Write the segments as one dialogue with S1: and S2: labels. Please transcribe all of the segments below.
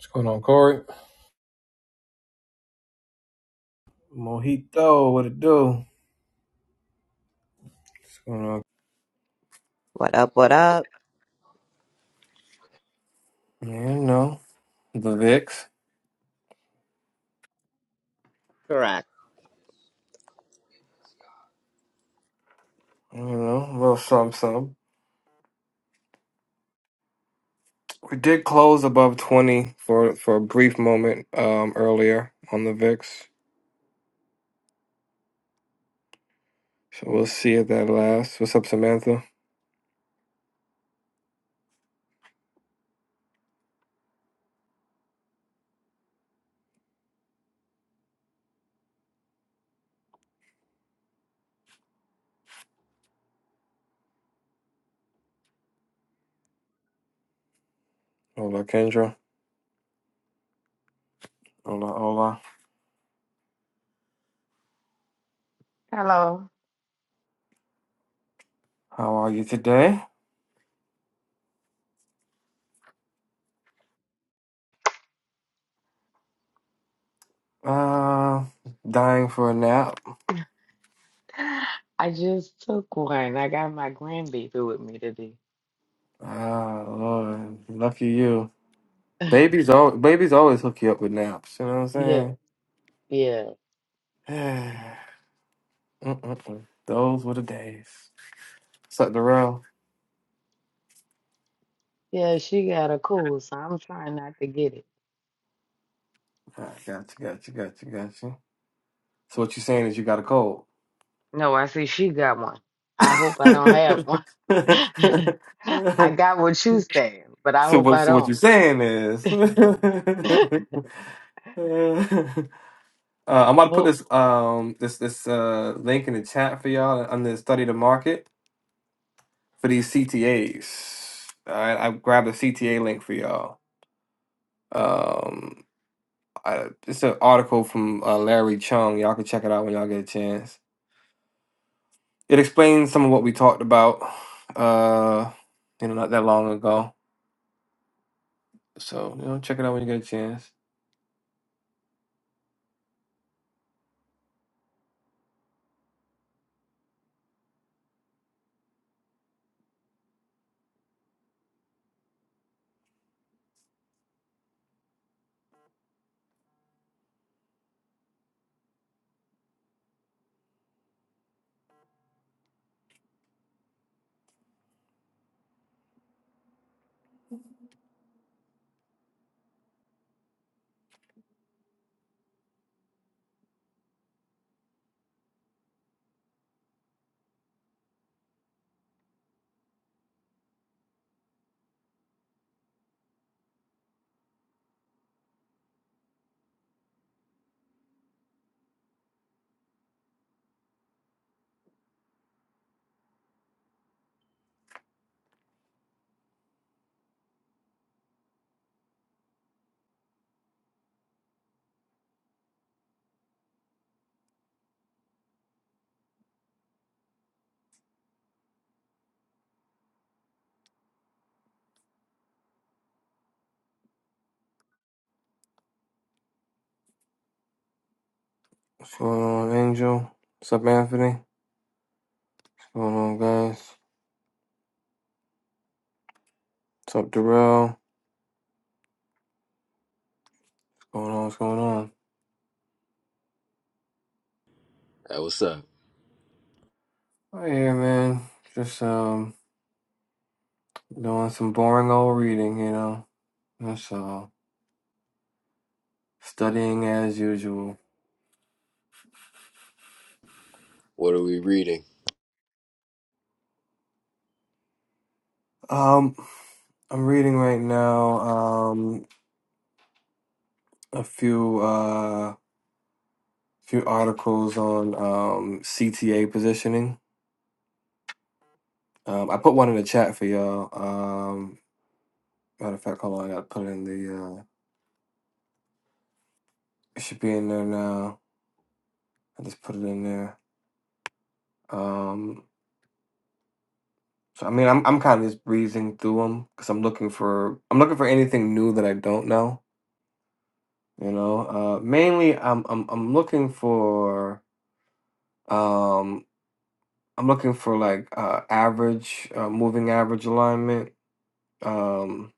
S1: What's going on, Corey? Mojito, what it do? What's going on?
S2: What up, what up?
S1: Yeah, you know, the VIX.
S2: Correct.
S1: You know, a little something, something. We did close above 20 for, for a brief moment um, earlier on the VIX. So we'll see if that lasts. What's up, Samantha? Hola, Kendra. Hola, hola.
S3: Hello.
S1: How are you today? Uh, dying for a nap.
S3: I just took one. I got my grandbaby with me today.
S1: Ah, Lord. Lucky you. Babies, al- babies always hook you up with naps. You know what
S3: Yeah,
S1: I'm
S3: yeah.
S1: saying? Mm-mm-mm. Those were the days. Suck the rail.
S3: Yeah, she got a cold, so I'm trying not to get it.
S1: I got you, got you, got you, got you. So what you saying is you got a cold?
S3: No, I see she got one. I hope I don't have one. I got what you saying, but I
S1: so
S3: hope
S1: what?
S3: I
S1: So what you
S3: don't.
S1: saying is?
S3: Oh,
S1: Uh, I'm about to put this um this this uh link in the chat for y'all under study the market for these CTAs. All right, I grabbed a CTA link for y'all. Um, I, it's an article from uh, Larry Chung. Y'all can check it out when y'all get a chance. It explains some of what we talked about, uh, you know, not that long ago. So you know, check it out when you get a chance. What's going on, Angel? What's up, Anthony? What's going on, guys? What's up, Darrell? What's going on? What's going on?
S4: That what's up?
S1: Right here, man. Just um, doing some boring old reading, you know. That's all. Studying as usual.
S4: What are we reading?
S1: Um, I'm reading right now. Um, a few. uh few articles on um, CTA positioning. Um, I put one in the chat for y'all. Um, matter of fact, hold on, I gotta put it in the. Uh, it should be in there now. I just put it in there. Um, so I mean, I'm I'm kind of just breezing through them because I'm looking for I'm looking for anything new that I don't know. You know, uh, mainly I'm I'm I'm looking for um I'm looking for like uh average uh, moving average alignment. Um,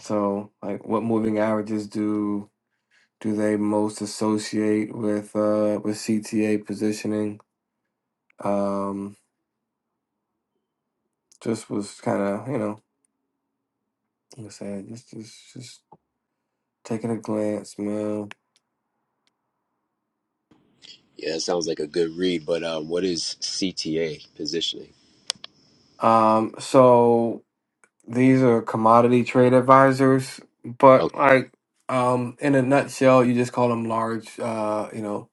S1: So, like, what moving averages do do they most associate with uh with CTA positioning? Um, just was kind of you know, like I said, just just just taking a glance, man.
S4: Yeah, that sounds like a good read, but um, what is CTA positioning?
S1: Um, so these are commodity trade advisors, but like, um, in a nutshell, you just call them large, uh, you know,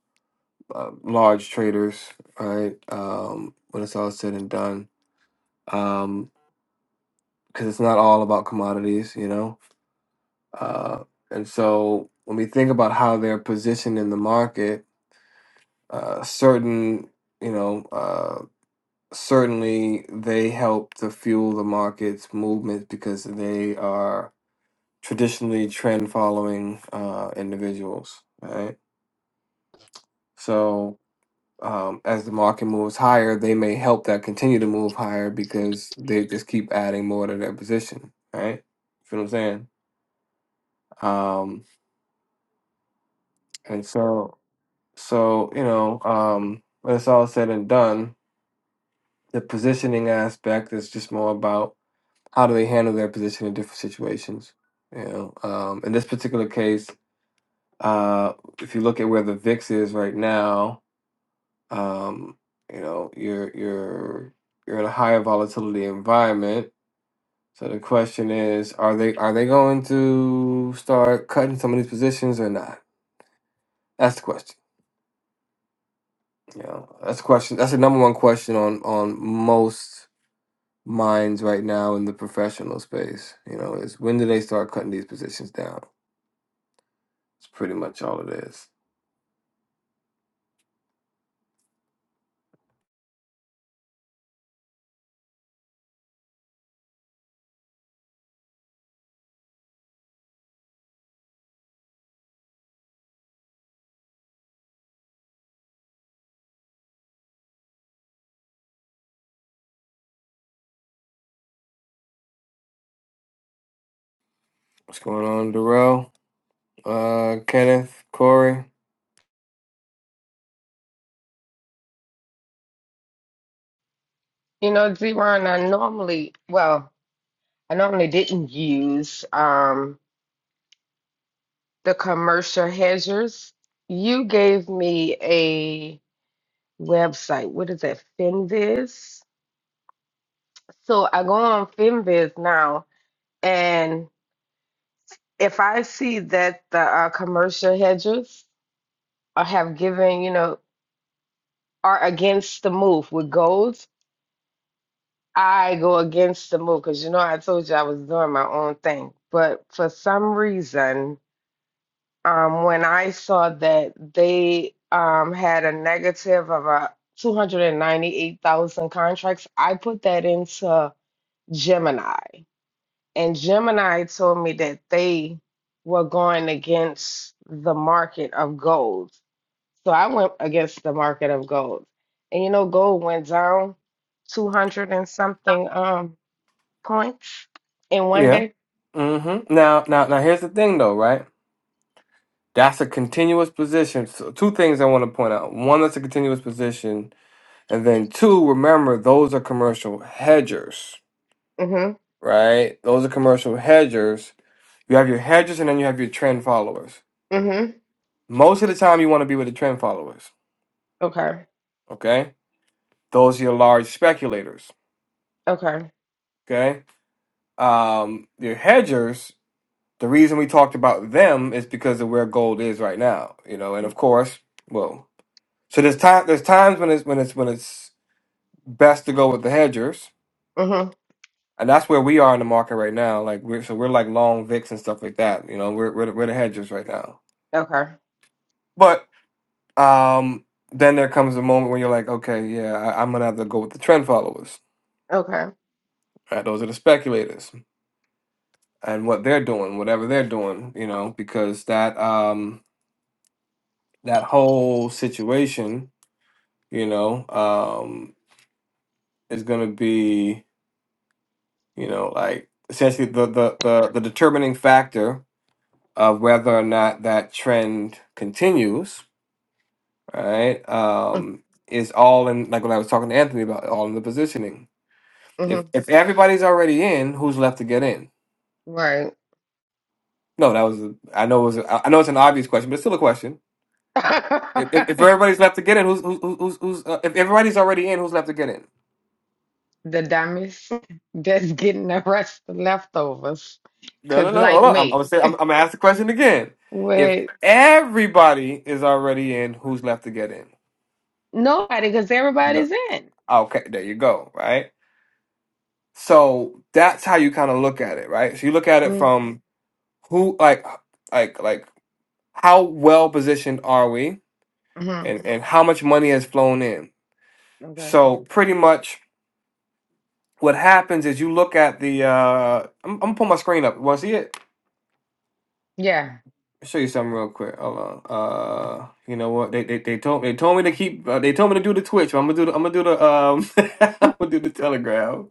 S1: uh, large traders, right? Um, when it's all said and done, um, because it's not all about commodities, you know Uh, and so when we think about how they're positioned in the market, uh, certain, you know, uh, certainly they help to fuel the market's movement because they are traditionally trend following uh, individuals, right? So um, as the market moves higher, they may help that continue to move higher because they just keep adding more to their position, right? Feel what I'm saying? Um, and so So, you know, um, when it's all said and done, the positioning aspect is just more about how do they handle their position in different situations. You know, um, in this particular case, uh, if you look at where the VIX is right now, um, you know, you're you're you're in a higher volatility environment. So the question is, are they are they going to start cutting some of these positions or not? That's the question. You know, that's the question. That's the number one question on on most minds right now in the professional space, you know, is when do they start cutting these positions down? It's pretty much all it is. What's going on, Darrell? Uh, Kenneth, Corey.
S3: You know, Zeron, I normally, well, I normally didn't use um the commercial hedgers. You gave me website. What is that? Finviz. So I go on Finviz now, and if I see that the uh, commercial hedgers are have given, you know, are against the move with golds, I go against the move because you know I told you I was doing my own thing. But for some reason, um, when I saw that they um, had a negative of a 298,000 contracts, I put that into Gemini. And Gemini told me that they were going against the market of gold. So I went against the market of gold. And you know, gold went down 200 and something um points in one
S1: Yeah.
S3: day.
S1: Mm-hmm. Now, now, now. Here's the thing, though, right? That's a continuous position. So two things I want to point out. One, that's a continuous position And then two, remember those are commercial hedgers,
S3: hmm
S1: right? Those are commercial hedgers. You have your hedgers and then you have your trend followers.
S3: hmm
S1: Most of the time you want to be with the trend followers,
S3: Okay.
S1: okay? Those are your large speculators,
S3: Okay.
S1: okay? Um, your hedgers, the reason we talked about them is because of where gold is right now, you know, and of course, well, so there's time there's times when it's when it's when it's best to go with the hedgers,
S3: hmm
S1: And that's where we are in the market right now. Like we're so we're like long VIX and stuff like that. You know, we're we're the, we're the hedgers right now.
S3: Okay.
S1: But um, then there comes a moment when you're like, okay, yeah, I, I'm gonna have to go with the trend followers.
S3: Okay.
S1: Right? Those are the speculators and what they're doing, whatever they're doing. You know, because that um that whole situation, you know, um, is gonna be you know like essentially the the the, the determining factor of whether or not that trend continues right?
S3: hmm
S1: Um, is all in like when I was talking to Anthony about all in the positioning. If if everybody's already in, who's left to get in?
S3: Right.
S1: No, that was a, I know it was a, I know it's an obvious question, but it's still a question. If if, if
S3: the
S1: everybody's left to get in, who's who's who's, who's uh, if everybody's already in, who's left to get in?
S3: dummies that's getting the rest of leftovers.
S1: No, no,
S3: Cause
S1: no. Hold
S3: like
S1: on. I'm, I'm
S3: me,
S1: gonna say I'm, I'm gonna ask the question again. If
S3: what?
S1: everybody is already in, who's left to get in?
S3: Nobody, because
S1: No.
S3: everybody's in.
S1: Okay, there you go. Right. So that's how you kind of look at it, right? So you look at it from who like like like how well positioned are we
S3: Mm-hmm.
S1: and, and how much money has flown in
S3: Okay.
S1: so pretty much what happens is you look at the uh i'm, I'm gonna pull my screen up want to see it
S3: Yeah.
S1: I'll show you something real quick hold on uh you know what they they, they told they told me to keep uh, they told me to do the twitch but i'm gonna do the i'm gonna do the um i'm gonna do the telegram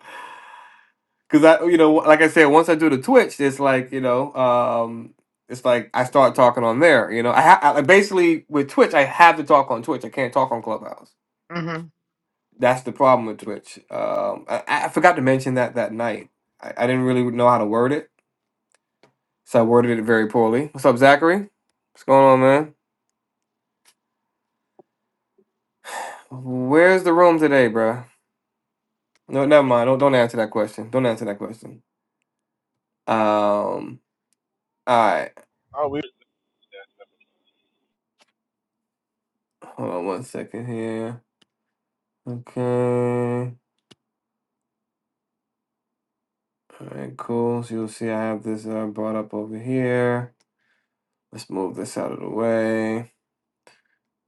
S1: because i you know like i said once i do the twitch it's like you know um it's like I start talking on there, you know. I, ha- I basically with Twitch, I have to talk on Twitch. I can't talk on Clubhouse.
S3: mm hmm
S1: That's the problem with Twitch. Um, I, I forgot to mention that that night. I, I didn't really know how to word it, so I worded it very poorly. What's up, Zachary? What's going on, man? Where's the room today, bruh? No, never mind. Don't don't answer that question. Don't answer that question. Um, all right.
S5: Oh, we
S1: Hold on one second here. Okay. All right, cool. So you'll see I have this uh, brought up over here. Let's move this out of the way.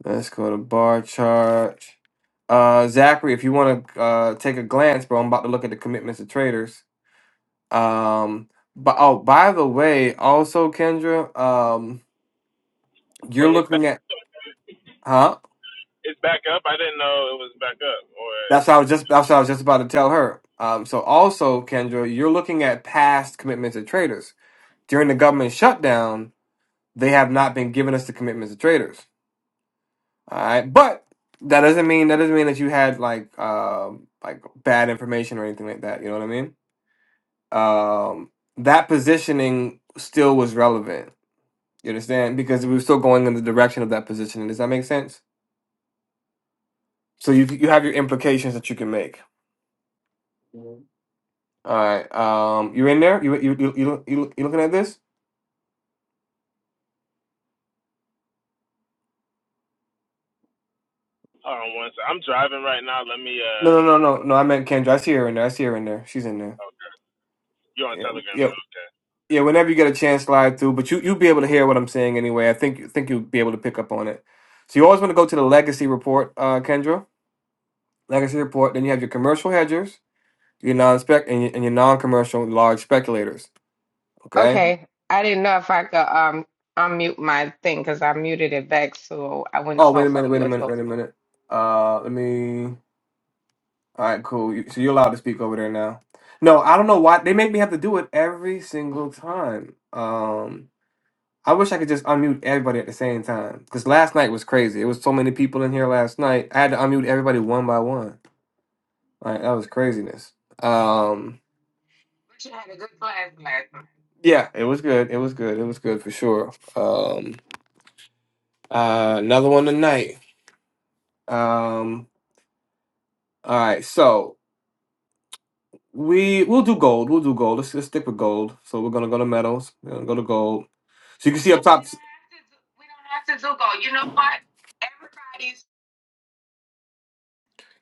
S1: Let's go to bar chart. Uh, Zachary, if you want to uh, take a glance, bro, I'm about to look at the commitments of traders. Um, but oh, by the way, also Kendra, um,
S5: Wait,
S1: you're
S5: it's back,
S1: looking at, huh?
S5: it's back up. I didn't know it was back up. Or
S1: That's what I was just. That's what I was just about to tell her. Um, so also Kendra, you're looking at past commitments of traders during the government shutdown. They have not been giving us the commitments of traders. All right, but that doesn't mean that doesn't mean that you had like um like bad information or anything like that. You know what I mean? um, that positioning still was relevant. You understand? Because we were still going in the direction of that positioning. Does that make sense? So you you have your implications that you can make. Mhm. All right. Um, you in there? You you you you, look- you look- you looking at this?
S5: hold on one second. I'm driving right now. Let me.
S1: No,
S5: uh
S1: no, no, no, no. I meant Kendra. I see her in there. I see her in there. She's in there.
S5: Okay, you're on
S1: Yeah,
S5: Telegram
S1: yeah,
S5: though.
S1: yeah. Whenever you get a chance, slide through. But you you'll be able to hear what I'm saying anyway. I think think you'll be able to pick up on it. So you always want to go to the legacy report, uh, Kendra. Legacy report. Then you have your commercial hedgers. You're non spec and, you, and you're non commercial large speculators. Okay.
S3: Okay. I didn't know if I could um unmute my thing because I muted it back so I wouldn't
S1: Oh wait a
S3: talk while
S1: minute.
S3: you
S1: Wait a
S3: were
S1: minute. Wait a
S3: talking.
S1: minute. Uh, let me. All right, cool. You, so you're allowed to speak over there now. No, I don't know why they make me have to do it every single time. Um, I wish I could just unmute everybody at the same time because last night was crazy. It was so many people in here last night. I had to unmute everybody one by one. Like that was craziness. Um, yeah, it was good. It was good. It was good for sure. Um, uh, another one tonight. Um, All right, so we we'll do gold. We'll do gold. Let's, let's stick with gold. So we're gonna go to metals. We're gonna go to gold. So you can see up top. gold.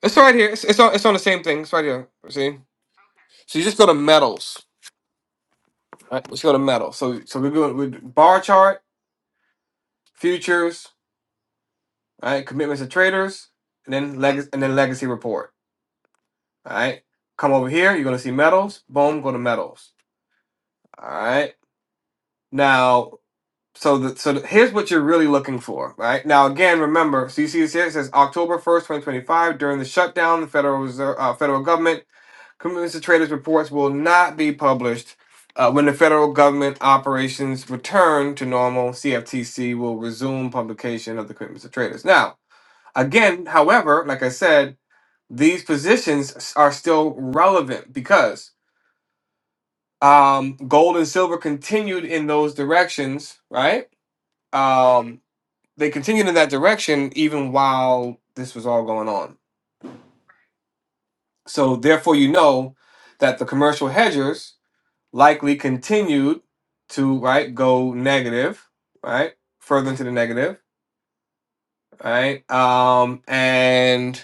S1: It's right here. It's it's on it's on the same thing. It's right here. See. So you just go to metals. All right. Let's go to metals. So so we're going with bar chart, futures, all right, commitments of traders, and then legacy and then legacy report. All right. Come over here. You're gonna see metals. Boom. Go to metals. All right. Now so the, so the, here's what you're really looking for, right? Now again, remember, so you see this here. It says October first, twenty twenty five. During the shutdown, the federal Reserve, uh, federal government commitments to traders reports will not be published. Uh, when the federal government operations return to normal, CFTC will resume publication of the commitments to traders. Now, again, however, like I said, these positions are still relevant because um, gold and silver continued in those directions, right? Um, they continued in that direction even while this was all going on. So therefore, you know that the commercial hedgers likely continued to right go negative, right further into the negative, right, um, and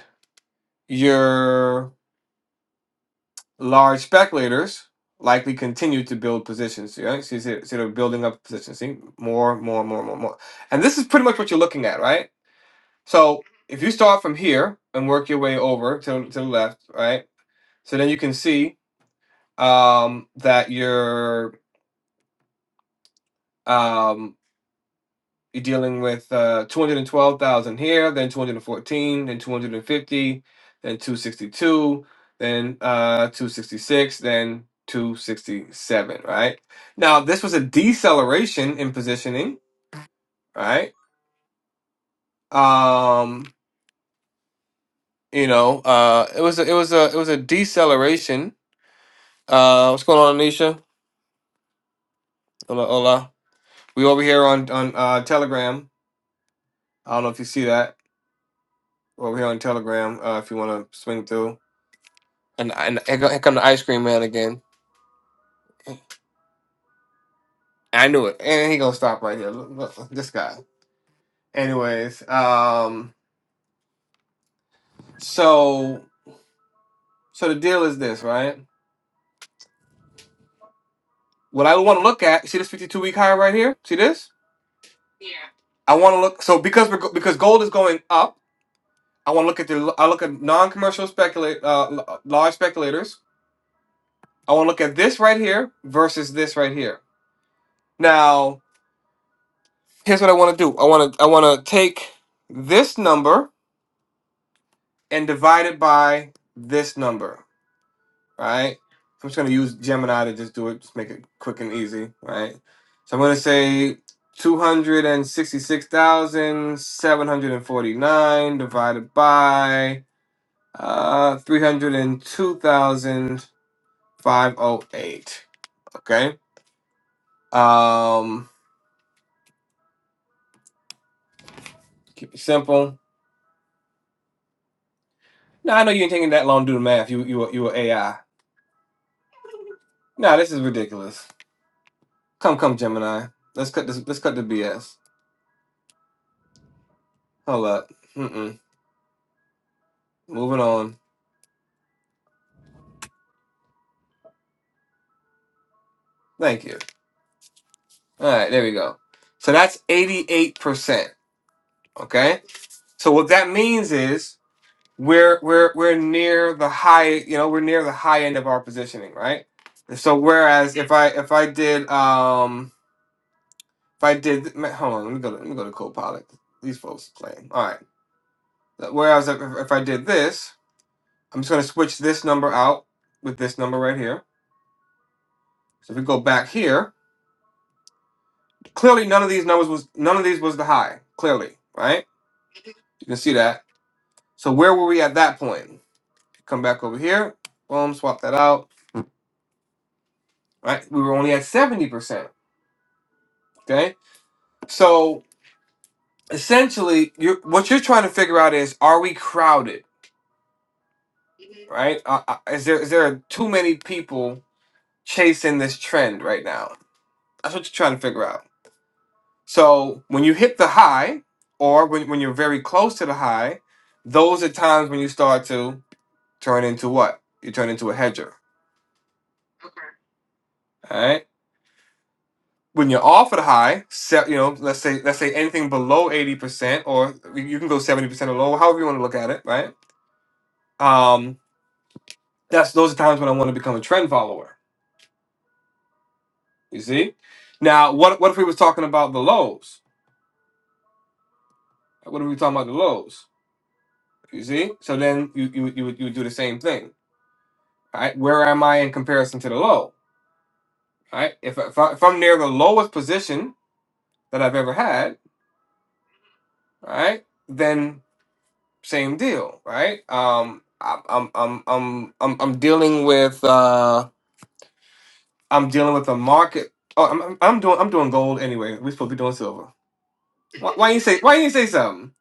S1: your large speculators likely continued to build positions. Right, so, you see, so they're building up positions. See more, more, more, more, more, and this is pretty much what you're looking at, right? So if you start from here and work your way over to, to the left, right? So then you can see um, that you're um, you're dealing with uh, two hundred and twelve thousand here, then two hundred and fourteen, then two hundred and fifty, then two sixty two, then uh, two sixty six, then two sixty seven. Right now, this was a deceleration in positioning. Right, um, you know, uh, it was a, it was a it was a deceleration. Uh, what's going on, Anisha? Hola, hola. We over here on on uh, Telegram. I don't know if you see that. We're over here on Telegram. Uh, if you want to swing through, and and here go- here come the ice cream man again. I knew it, and he gonna stop right here. Look, look, this guy. Anyways, um, so so the deal is this, right? What I want to look at, see this fifty-two week high right here. See this? I want to look. So because we're go- because gold is going up, I want to look at the. I look at non-commercial speculate, uh, l- large speculators. I want to look at this right here versus this right here. Now, here's what I want to do. I want to I want to take this number and divide it by this number, right? So I'm just going to use Gemini to just do it, just make it quick and easy, right? So I'm going to say 266,749 divided by uh 302,508, okay? Um keep it simple. Now I know you ain't taking that long to do the math. You you a- you a AI. Nah, this is ridiculous. Come, come, Gemini. Let's cut this. Let's cut the BS. Hold up. Mm-mm. Moving on. Thank you. All right, there we go. So that's eighty-eight percent. Okay. So what that means is we're we're we're near the high. You know, we're near the high end of our positioning, right? And So whereas if I if I did um if I did ma- hold on let me go to, let me go to Copilot. These folks playing. All right. Whereas if, if I did this, I'm just going to switch this number out with this number right here So if we go back here, clearly none of these numbers was none of these was the high. Clearly, right? You can see that. So where were we at that point? Come back over here. Boom, swap that out. Right? We were only at 70%. Okay? So essentially, you are what you're trying to figure out is are we crowded, right? Uh, uh, is there is there too many people chasing this trend right now? That's what you're trying to figure out. So when you hit the high or when, when you're very close to the high, those are times when you start to turn into what? You turn into a hedger. All right. When you're offered high, set you know, let's say let's say anything below eighty percent, or you you can go seventy percent or lower, however you want to look at it, right? Um, that's those are times when I want to become a trend follower. You see. Now, what what if we was talking about the lows? What if we talking about the lows? You see. So then you you would- you would, you would do the same thing. All right. Where am I in comparison to the low? All right. If I- if, I, if I'm near the lowest position that I've ever had, all right, then same deal, right? Um, I'm I'm I'm I'm I'm I'm dealing with uh, I'm dealing with a market. Oh, I'm I'm I'm doing I'm doing gold anyway. We're supposed to be doing silver. Why, why you say Why you say something?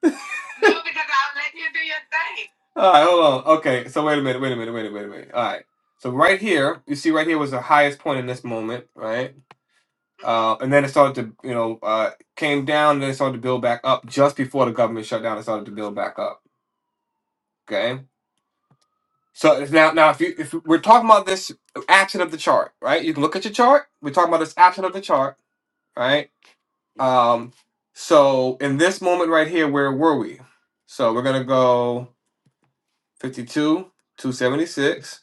S1: All right, hold on. Okay, so wait a minute, wait a minute, wait a minute, wait a minute. All right. So right here, you see, right here was the highest point in this moment, right? Uh, and then it started to, you know, uh, came down, then it started to build back up just before the government shut down. It started to build back up. Okay So if now, now if you if we're talking about this action of the chart, right? You can look at your chart. We're talking about this action of the chart, right? Um, so in this moment right here, where were we? So we're gonna go fifty-two, two seventy-six.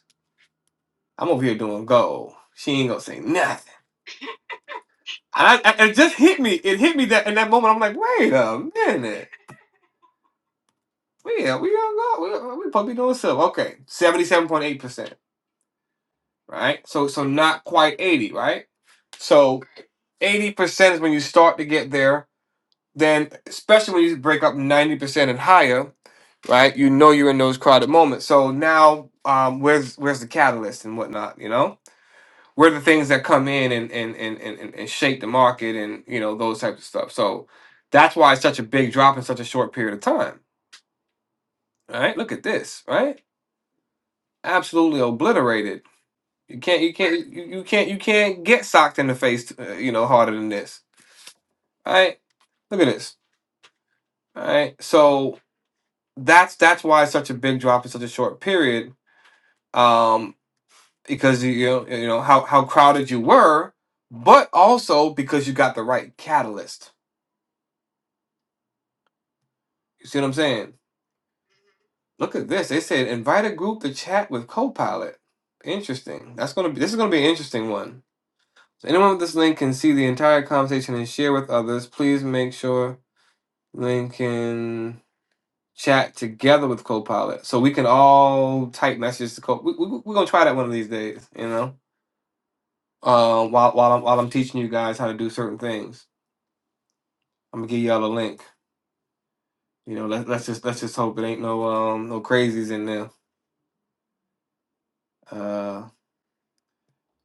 S1: I'm over here doing gold. She ain't gonna say nothing. And I, I, it just hit me. It hit me that in that moment. I'm like, wait a minute. Yeah, we are go. We we probably doing silver. Okay, seventy-seven point eight percent. Right. So so not quite eighty. Right. So eighty percent is when you start to get there. Then, especially when you break up ninety percent and higher, right? You know you're in those crowded moments. So now, um, where's where's the catalyst and whatnot? You know, where are the things that come in and and and and and and shake the market and you know those types of stuff. So that's why it's such a big drop in such a short period of time. Right? Look at this. Right? Absolutely obliterated. You can't. You can't. You, you can't. You can't get socked in the face. Uh, you know, harder than this. All Right? Look at this. All right. So that's that's why it's such a big drop in such a short period um because you you know, you know how how crowded you were but also because you got the right catalyst you see what i'm saying look at this they said invite a group to chat with copilot interesting that's gonna be this is gonna be an interesting one so anyone with this link can see the entire conversation and share with others please make sure link can chat together with copilot so we can all type messages to Copilot. we, we, we're gonna try that one of these days you know uh, while while I'm while I'm teaching you guys how to do certain things. I'm gonna give y'all a link. You know, let, let's just let's just hope it ain't no um no crazies in there. Uh,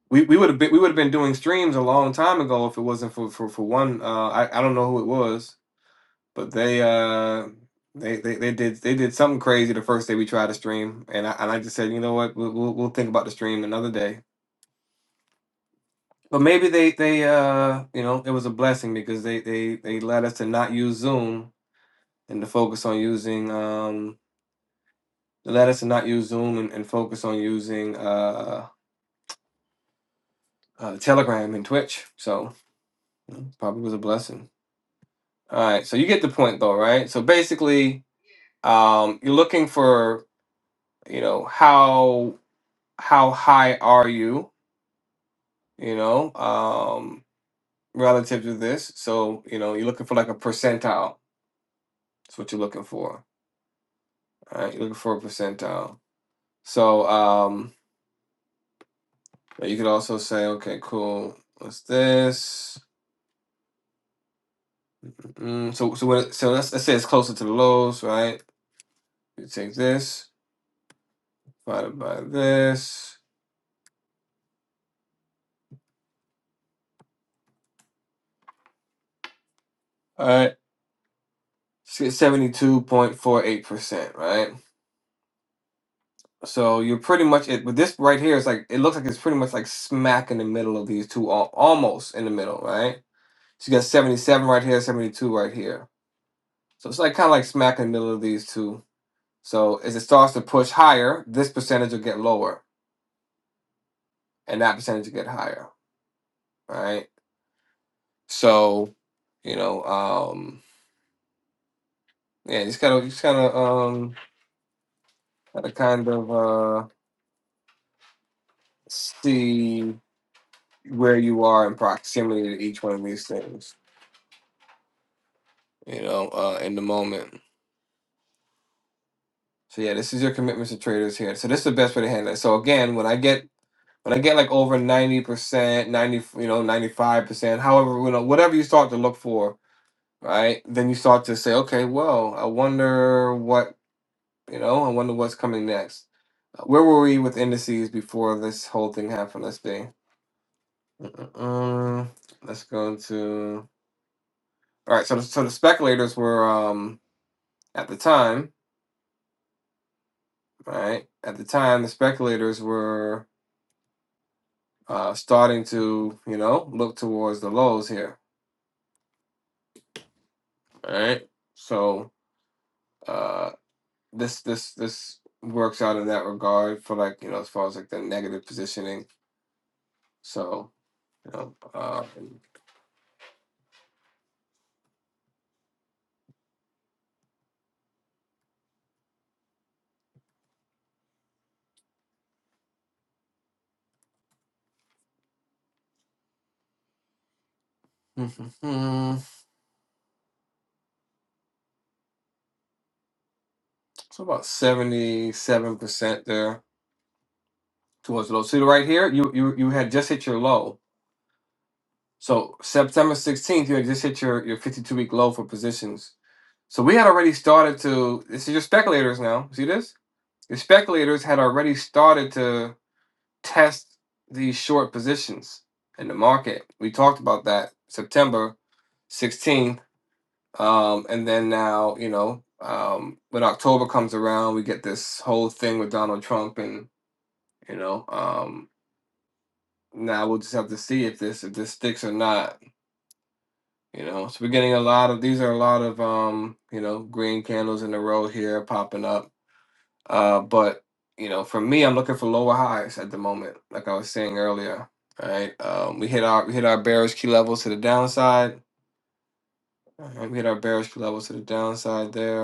S1: we we would have been we would have been doing streams a long time ago if it wasn't for for for one. Uh, I I don't know who it was, but they uh. They, they, they did they did something crazy the first day we tried to stream and I and I just said you know what we'll, we'll, we'll think about the stream another day but maybe they they uh you know it was a blessing because they they they led us to not use Zoom and to focus on using um, they let us not use Zoom and, and focus on using uh, uh, Telegram and Twitch. So probably was a blessing. All right, so you get the point though, right? So basically, um, you're looking for you know how how high are you, you know, um, relative to this. So you know you're looking for like a percentile. That's what you're looking for. All right, you're looking for a percentile. So um, you could also say, okay, cool. What's this? Mm, so so what? So let's, let's say it's closer to the lows, right? You take this divided by this. All right, seventy-two point four eight percent, right? So you're pretty much it. But this right here is like it looks like it's pretty much like smack in the middle of these two, al- almost in the middle, right? So you got seventy-seven right here, seventy-two right here. So it's like kind of like smack in the middle of these two. So as it starts to push higher, this percentage will get lower, and that percentage will get higher, right? So you know. um Yeah, you just gotta, you just gotta, um, gotta kind of uh, see where you are in proximity to each one of these things. You know, uh, in the moment. So yeah, this is your commitments to traders here. So this is the best way to handle it. So again, when I get when I get like over ninety percent, ninety, you know, ninety five percent, however, you know, whatever you start to look for, right? Then you start to say, okay, well, I wonder what, you know, I wonder what's coming next. Uh, Where were we with indices before this whole thing happened? Let's see. Uh, let's go to all right. So, the, so the speculators were um at the time, right? At the time, the speculators were uh starting to you know look towards the lows here, all right? So, uh, this this this works out in that regard for like you know as far as like the negative positioning. So you know, uh, So about seventy seven percent there towards the low. So right here, you you you had just hit your low So September 16th, you just hit your, your 52 week low for positions. So we had already started to, this is your speculators now. See this? Your speculators had already started to test these short positions in the market. We talked about that September 16th. Um, and then now, you know, um, when October comes around, we get this whole thing with Donald Trump and, you know, um, now we'll just have to see if this if this sticks or not You know, so we're getting a lot of these are a lot of um, you know, green candles in a row here popping up. Uh, but you know, for me, I'm looking for lower highs at the moment, like I was saying earlier. All right, um, we hit our we hit our bearish key levels to the downside. All right, we hit our bearish key levels to the downside there.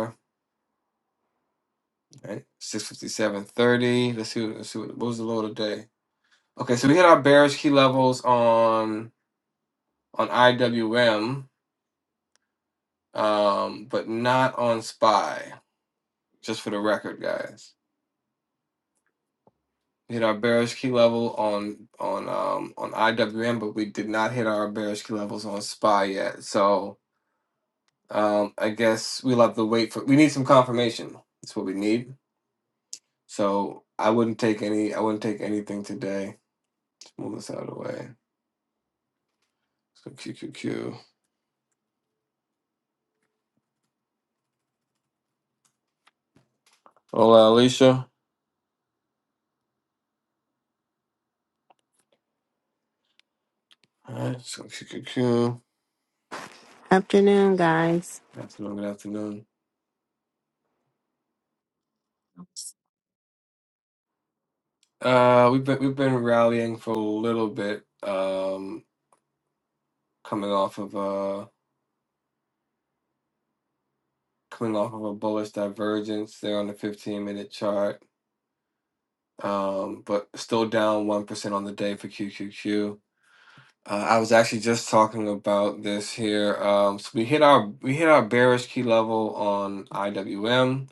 S1: All Right, six fifty seven thirty. Let's see. let's see what, what was the low today. Okay, so we hit our bearish key levels on on IWM, um, but not on SPY. Just for the record, guys. hit our bearish key level on on um on IWM, but we did not hit our bearish key levels on SPY yet. So um I guess we'll have to wait for we need some confirmation. That's what we need. So I wouldn't take any I wouldn't take anything today. Let's move this out of the way. Let's go QQQ. Hola Alicia. Alright, let's go QQQ.
S6: Afternoon, guys.
S1: Good afternoon, good afternoon. Uh we've been we've been rallying for a little bit, um coming off of uh coming off of a bullish divergence. there on the 15 minute chart, um, but still down 1% on the day for QQQ. Uh, I was actually just talking about this here. Um, so we hit our we hit our bearish key level on IWM,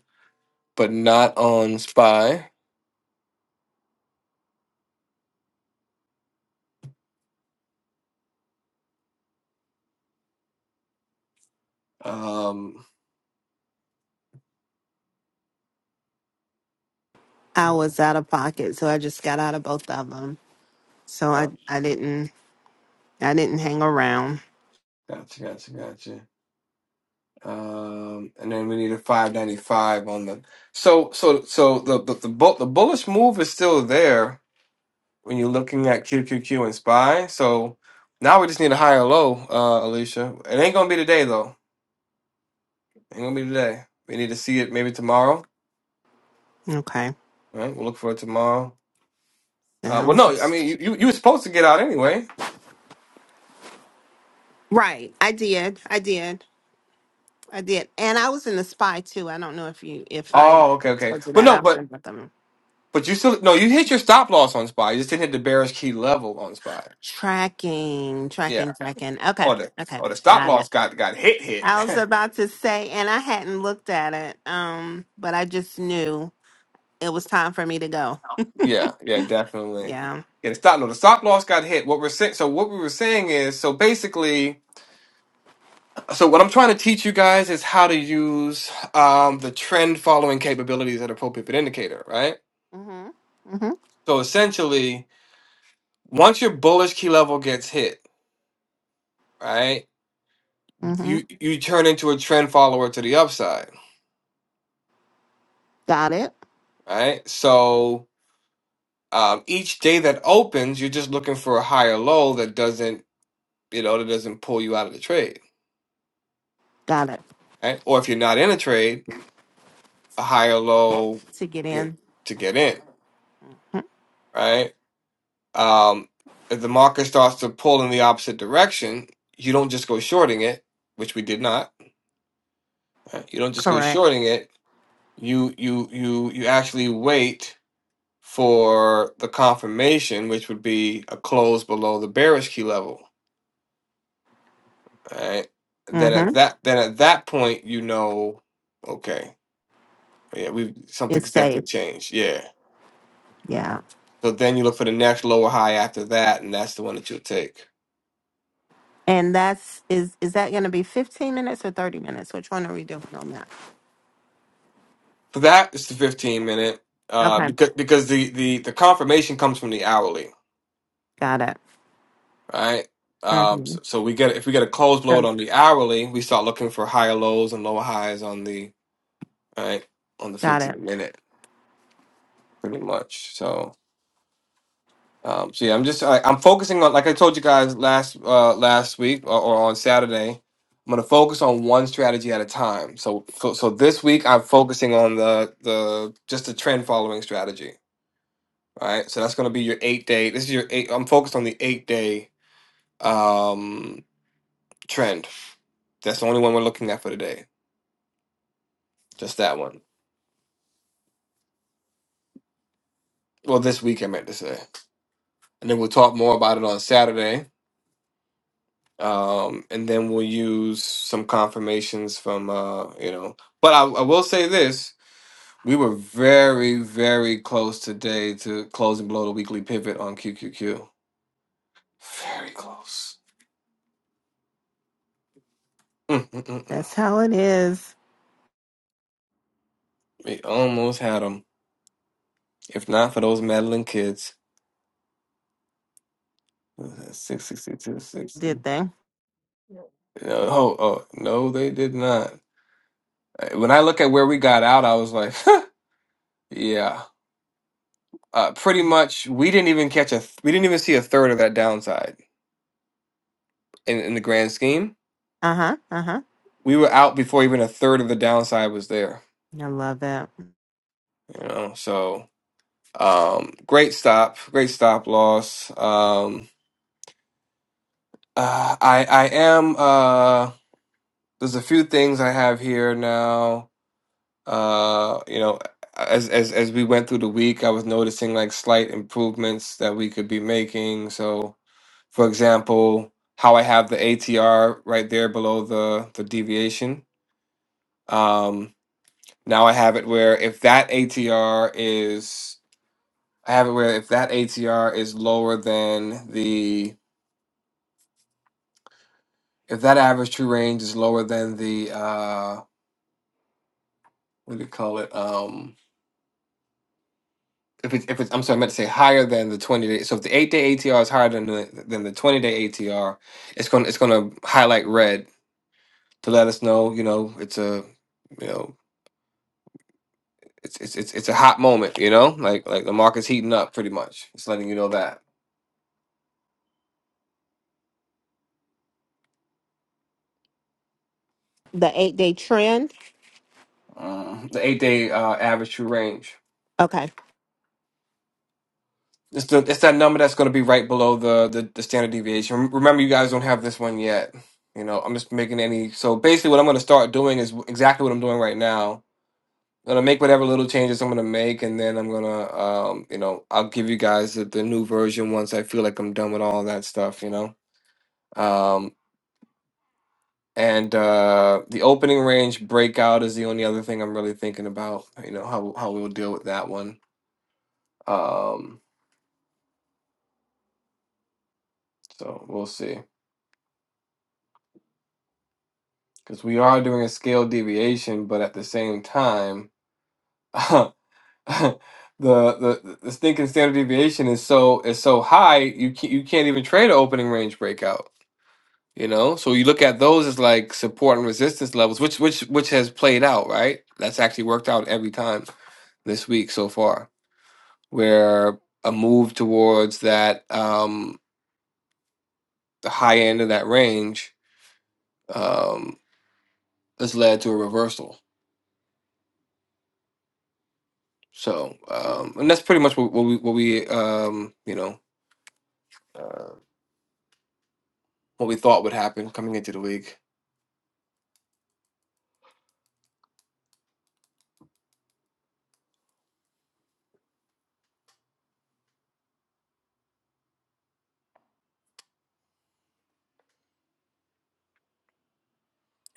S1: but not on SPY. Um,
S6: I was out of pocket, so I just got out of both of them. So
S1: uh,
S6: I, I didn't, I didn't hang around.
S1: gotcha, gotcha, gotcha. Um, and then we need a 595 on the so so so the the the, bull, the bullish move is still there when you're looking at QQQ and SPY. So now we just need a higher low, uh, Alicia. It ain't gonna be today though. Ain't gonna be today. We need to see it maybe tomorrow.
S6: Okay.
S1: All right, we'll look for it tomorrow. Uh, well,
S6: Now,
S1: no, I
S6: she's-
S1: mean you, you you were supposed to get out anyway.
S6: right. I did. I did. I did. And I was in the spy too. I don't know if you, if I
S1: Oh, okay, okay.
S6: told you
S1: But
S6: that.
S1: no,
S6: I was
S1: but
S6: in both of them.
S1: but you still no, you hit your stop loss on SPY. You just didn't hit the bearish key level on SPY.
S6: Tracking,
S1: Yeah.
S6: tracking, tracking. Okay.
S1: Or the
S6: Okay.
S1: or the stop
S6: Got it.
S1: loss got got hit hit.
S6: I was about to say, and I hadn't looked at it, um, but I just knew it was time for me to go.
S1: yeah, yeah, definitely.
S6: Yeah.
S1: Yeah, the stop no, the stop loss got hit. What we're saying, so what we were saying is, so basically, So what I'm trying to teach you guys is how to use um, the trend following capabilities at appropriate pivot indicator, right?
S6: Mm-hmm. Mm-hmm.
S1: So essentially, once your bullish key level gets hit, right,
S6: Mm-hmm.
S1: you you turn into a trend follower to the upside,
S6: Got it.
S1: right? So um, each day that opens, you're just looking for a higher low that doesn't, you know, that doesn't pull you out of the trade,
S6: Got it.
S1: right? Or if you're not in a trade, a higher low
S6: To get
S1: you know,
S6: in.
S1: to get in,
S6: Mhm.
S1: right? Um, if the market starts to pull in the opposite direction, you don't just go shorting it, which we did not. right? You don't just go
S6: Correct.
S1: shorting it. You you you you actually wait for the confirmation, which would be a close below the bearish key level. Right. Then at
S6: Mm-hmm.
S1: that then at that point you know, okay, yeah, we
S6: It's
S1: something's definitely
S6: safe.
S1: changed. Yeah.
S6: Yeah.
S1: So then you look for the next lower high after that, and that's the one that you'll take.
S6: And that's is is that going to be 15 minutes or 30 minutes? Which one are we doing on that?
S1: So that is the 15 minute uh,
S6: Okay.
S1: because because the, the the confirmation comes from the hourly,
S6: Got it.
S1: right? Um,
S6: Mm-hmm.
S1: so, so we get if we get a close load
S6: So
S1: on the hourly, we start looking for higher lows and lower highs on the right on the
S6: got it.
S1: 15 minute, pretty much. So um, so yeah, I'm just I, I'm focusing on like I told you guys last uh, last week or, or on Saturday. I'm gonna focus on one strategy at a time. So so, so this week I'm focusing on the the just the trend following strategy All right, so that's going to be your eight day. This is your eight. I'm focused on the eight day um trend. That's the only one we're looking at for today. Just that one. Well, this week I meant to say, and then we'll talk more about it on Saturday. Um, and then we'll use some confirmations from uh, you know. But I, I will say this: we were very, very close today to closing below the weekly pivot on QQQ. Very close. Mm-mm-mm.
S6: That's how it is.
S1: We almost had them, if not for those meddling kids. Six sixty two sixty.
S6: Did thing.
S1: Yeah, Oh, oh no, they did not. Uh, When I look at where we got out, I was like, yeah, uh, pretty much. We didn't even catch a. th- we didn't even see a third of that downside in in the grand scheme.
S6: Uh huh. Uh huh.
S1: We were out before even a third of the downside was there.
S6: I love that.
S1: You know, so um, great stop, great stop loss. Um, uh, I I am. Uh, there's a few things I have here now. Uh, you know, as as as we went through the week, I was noticing like slight improvements that we could be making. So, for example, how I have the ATR right there below the the deviation. Um, now I have it where if that ATR is, I have it where if that ATR is lower than the, if that average true range is lower than the, uh, what do you call it? um. if it's if it's I'm sorry, I meant to say higher than the 20 day. So if the eight day ATR is higher than the than the 20 day ATR, it's going to it's going to highlight red to let us know, you know, it's a you know, it's it's it's it's a hot moment, you know, like like the market's heating up pretty much. It's letting you know that
S6: The eight day trend.
S1: um, the eight day uh, average true range.
S6: Okay.
S1: It's the it's that number that's going to be right below the, the the standard deviation. Rem- Remember, you guys don't have this one yet. You know, I'm just making any. So basically, what I'm going to start doing is exactly what I'm doing right now gonna make whatever little changes I'm gonna make, and then I'm gonna, um, you know, I'll give you guys the, the new version once I feel like I'm done with all that stuff, you know. Um, and uh, the opening range breakout is the only other thing I'm really thinking about. You know how how we'll deal with that one. Um, so we'll see, because we are doing a scale deviation, but at the same time. The, the the stinking standard deviation is so is so high you can't, you can't even trade an opening range breakout You know, so you look at those as like support and resistance levels, which which which has played out, right? That's actually worked out every time this week so far, where a move towards that um the high end of that range um has led to a reversal. So um and that's pretty much what, what we what we um you know uh, what we thought would happen coming into the week.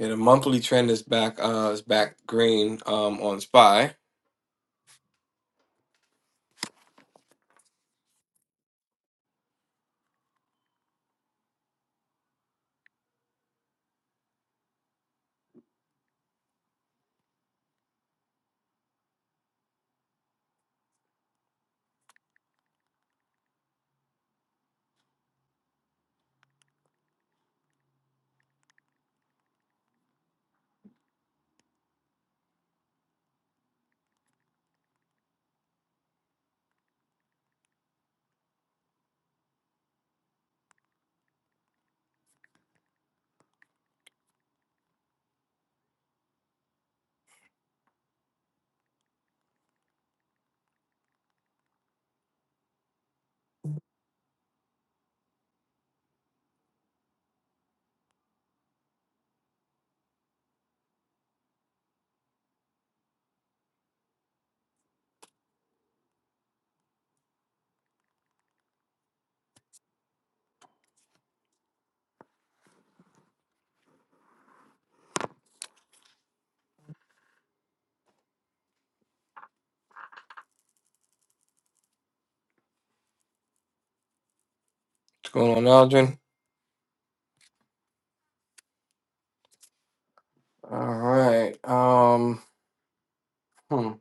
S1: Yeah, the monthly trend is back uh is back green um on SPY. What's going on, Aldrin? All right. Um, hmm.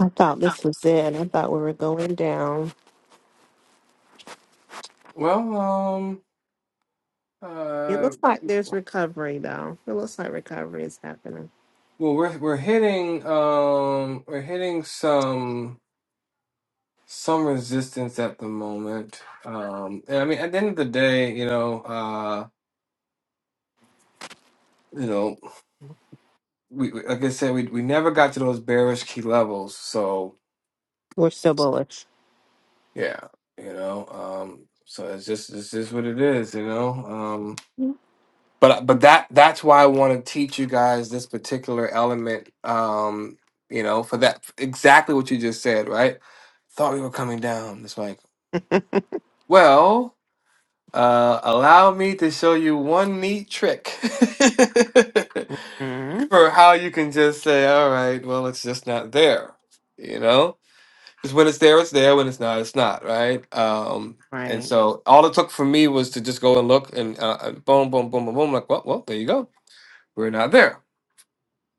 S6: I thought this was it. I thought we were going down.
S1: Well, um,
S6: It
S1: uh,
S6: looks like there's recovery though. It looks like recovery is happening.
S1: well, we're we're hitting um we're hitting some some resistance at the moment. Um, and I mean, at the end of the day, you know, uh, you know, we we- like I said, we we never got to those bearish key levels. So
S6: We're still bullish.
S1: yeah, you know, um, so it's just it's just what it is, you know. um, but uh, but that that's why I want to teach you guys this particular element. Um, you know, for that exactly what you just said, right? Thought we were coming down. It's like, well, uh, allow me to show you one neat trick
S6: hmm
S1: for how you can just say, all right, well, it's just not there. You know, because when it's there, it's there. When it's not, it's not, right? Um, and
S6: Right.
S1: so all it took for me was to just go and look and uh, uh, boom, boom, boom, boom, boom. Like, well, well, there you go we're not there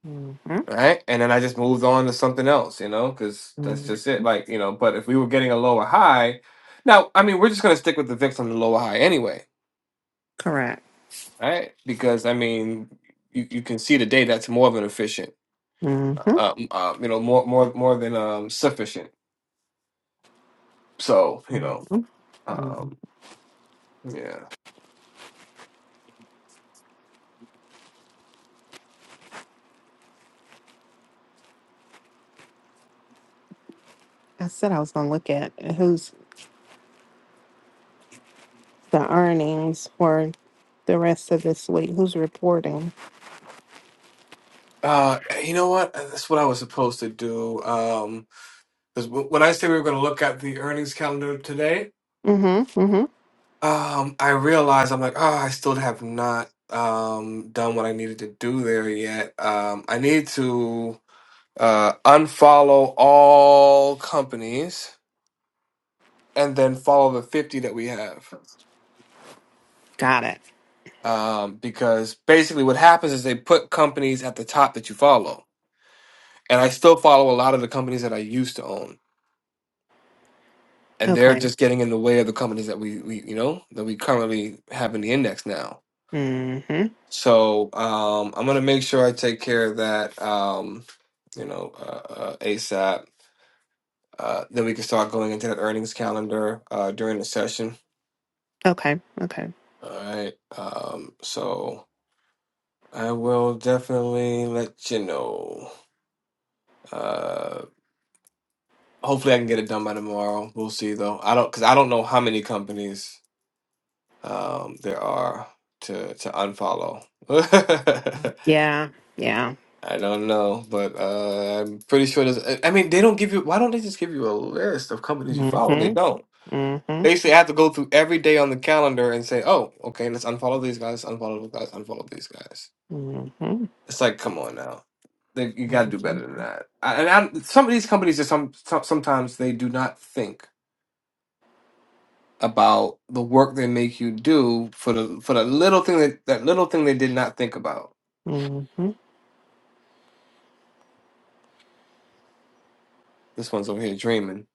S6: Mhm.
S1: right and then i just moved on to something else you know because that's
S6: Mhm.
S1: just it like you know but if we were getting a lower high now i mean we're just going to stick with the vix on the lower high anyway
S6: Correct.
S1: right because i mean you, you can see today that's more than efficient
S6: hmm hmm
S1: uh, um, uh, you know more more more than um sufficient so you know um yeah
S6: I said I was going to look at who's the earnings for the rest of this week. Who's reporting?
S1: uh you know what Uh, that's what i was supposed to do um because when i say we were going to look at the earnings calendar today
S6: hmm hmm
S1: Um, I realize I'm like, oh, I still have not um done what I needed to do there yet. Um, I need to uh unfollow all companies and then follow the 50 that we have.
S6: Got it.
S1: Um, because basically what happens is they put companies at the top that you follow. And I still follow a lot of the companies that I used to own. And they're
S6: Okay.
S1: just getting in the way of the companies that we, we you know, that we currently have in the index now.
S6: hmm
S1: So um, I'm gonna make sure I take care of that. Um, you know, uh, uh, ASAP. Uh, then we can start going into that earnings calendar uh, during the session.
S6: Okay. Okay.
S1: All right. Um, so I will definitely let you know. Uh, hopefully, I can get it done by tomorrow. We'll see, though. I don't because I don't know how many companies um, there are to to unfollow.
S6: Yeah. Yeah.
S1: I don't know, but uh, I'm pretty sure there's. I I mean, they don't give you. Why don't they just give you a list of companies you
S6: hmm
S1: follow? They
S6: hmm
S1: don't.
S6: hmm
S1: Basically, I have to go through every day on the calendar and say, "Oh, okay, let's unfollow these guys, unfollow those guys, unfollow these guys." It's like, come on now, they, you got to do better
S6: hmm
S1: than that. I, and I, some of these companies are some, some sometimes they do not think about the work they make you do for the for the little thing that that little thing they did not think about.
S6: hmm
S1: This one's over here dreaming.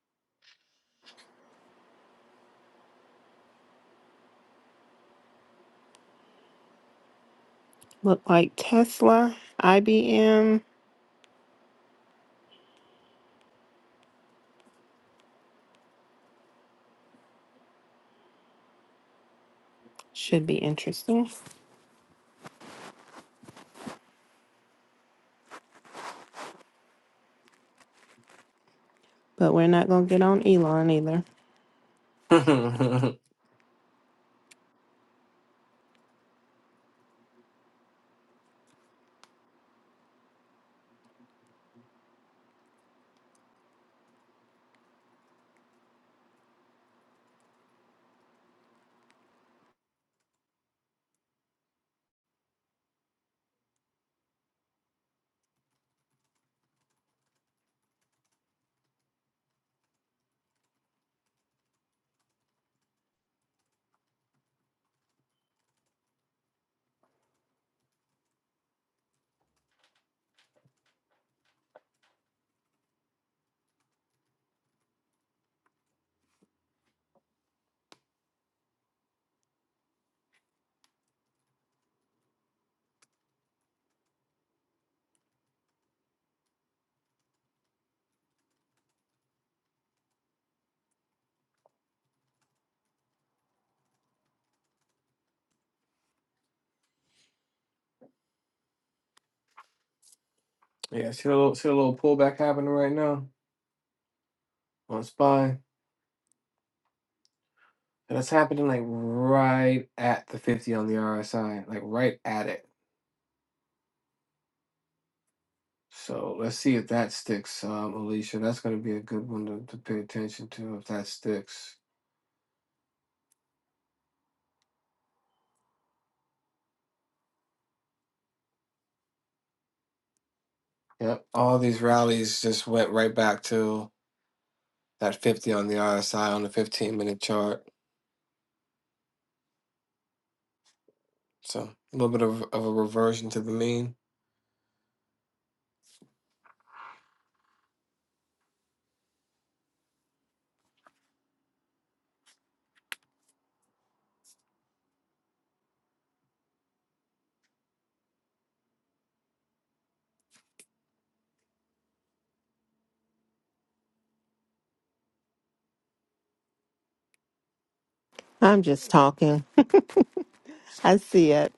S6: Look like Tesla, IBM should be interesting, but we're not going to get on Elon either.
S1: Yeah, see a little see a little pullback happening right now on SPY. And that's happening like right at the 50 on the RSI, like right at it. So let's see if that sticks, um, Alicia. That's going to be a good one to, to pay attention to if that sticks. Yep. All these rallies just went right back to that 50 on the RSI on the 15 minute chart. So a little bit of, of a reversion to the mean.
S6: I'm just talking. I see it.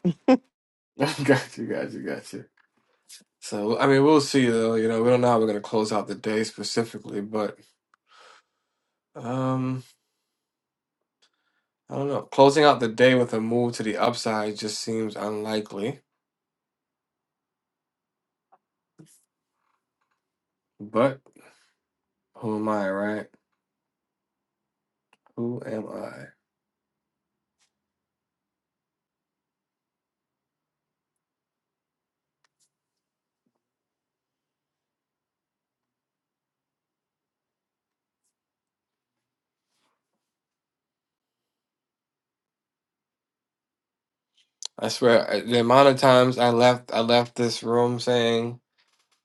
S1: got you, got you, got you. So, I mean, we'll see though. You know, we don't know how we're going to close out the day specifically, but Um, I don't know. Closing out the day with a move to the upside just seems unlikely. But who am I, right? Who am I? I swear, I- the amount of times I left, I left this room saying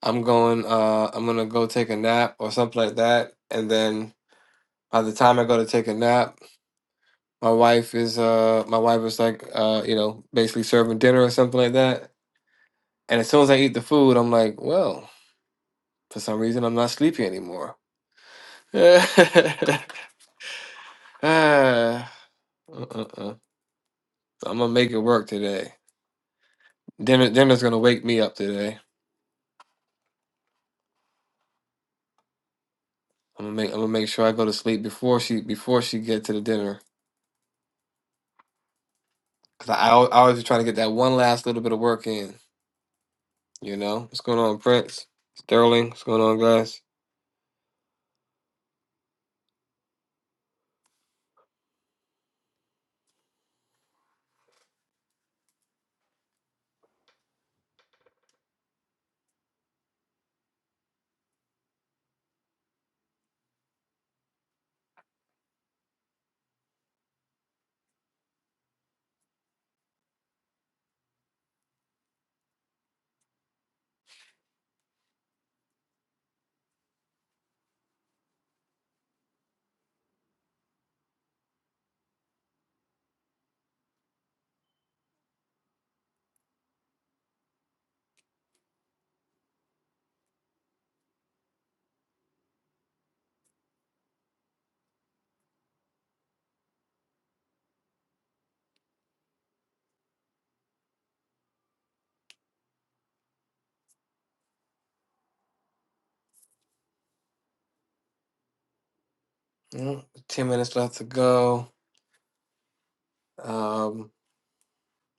S1: I'm going, uh, I'm gonna go take a nap or something like that, and then by the time I go to take a nap, my wife is, uh, my wife is like, uh, you know, basically serving dinner or something like that. And as soon as I eat the food, I'm like, well, for some reason, I'm not sleepy anymore. Ah, uh-uh. uh. uh. I'm gonna make it work today. Dinner, dinner's gonna wake me up today. I'm gonna make, I'm gonna make sure I go to sleep before she, before she get to the dinner. Cause I, I al- I always be trying to get that one last little bit of work in. You know, what's going on, Prince? Sterling, what's going on, guys? Mm, Ten minutes left to go. Um,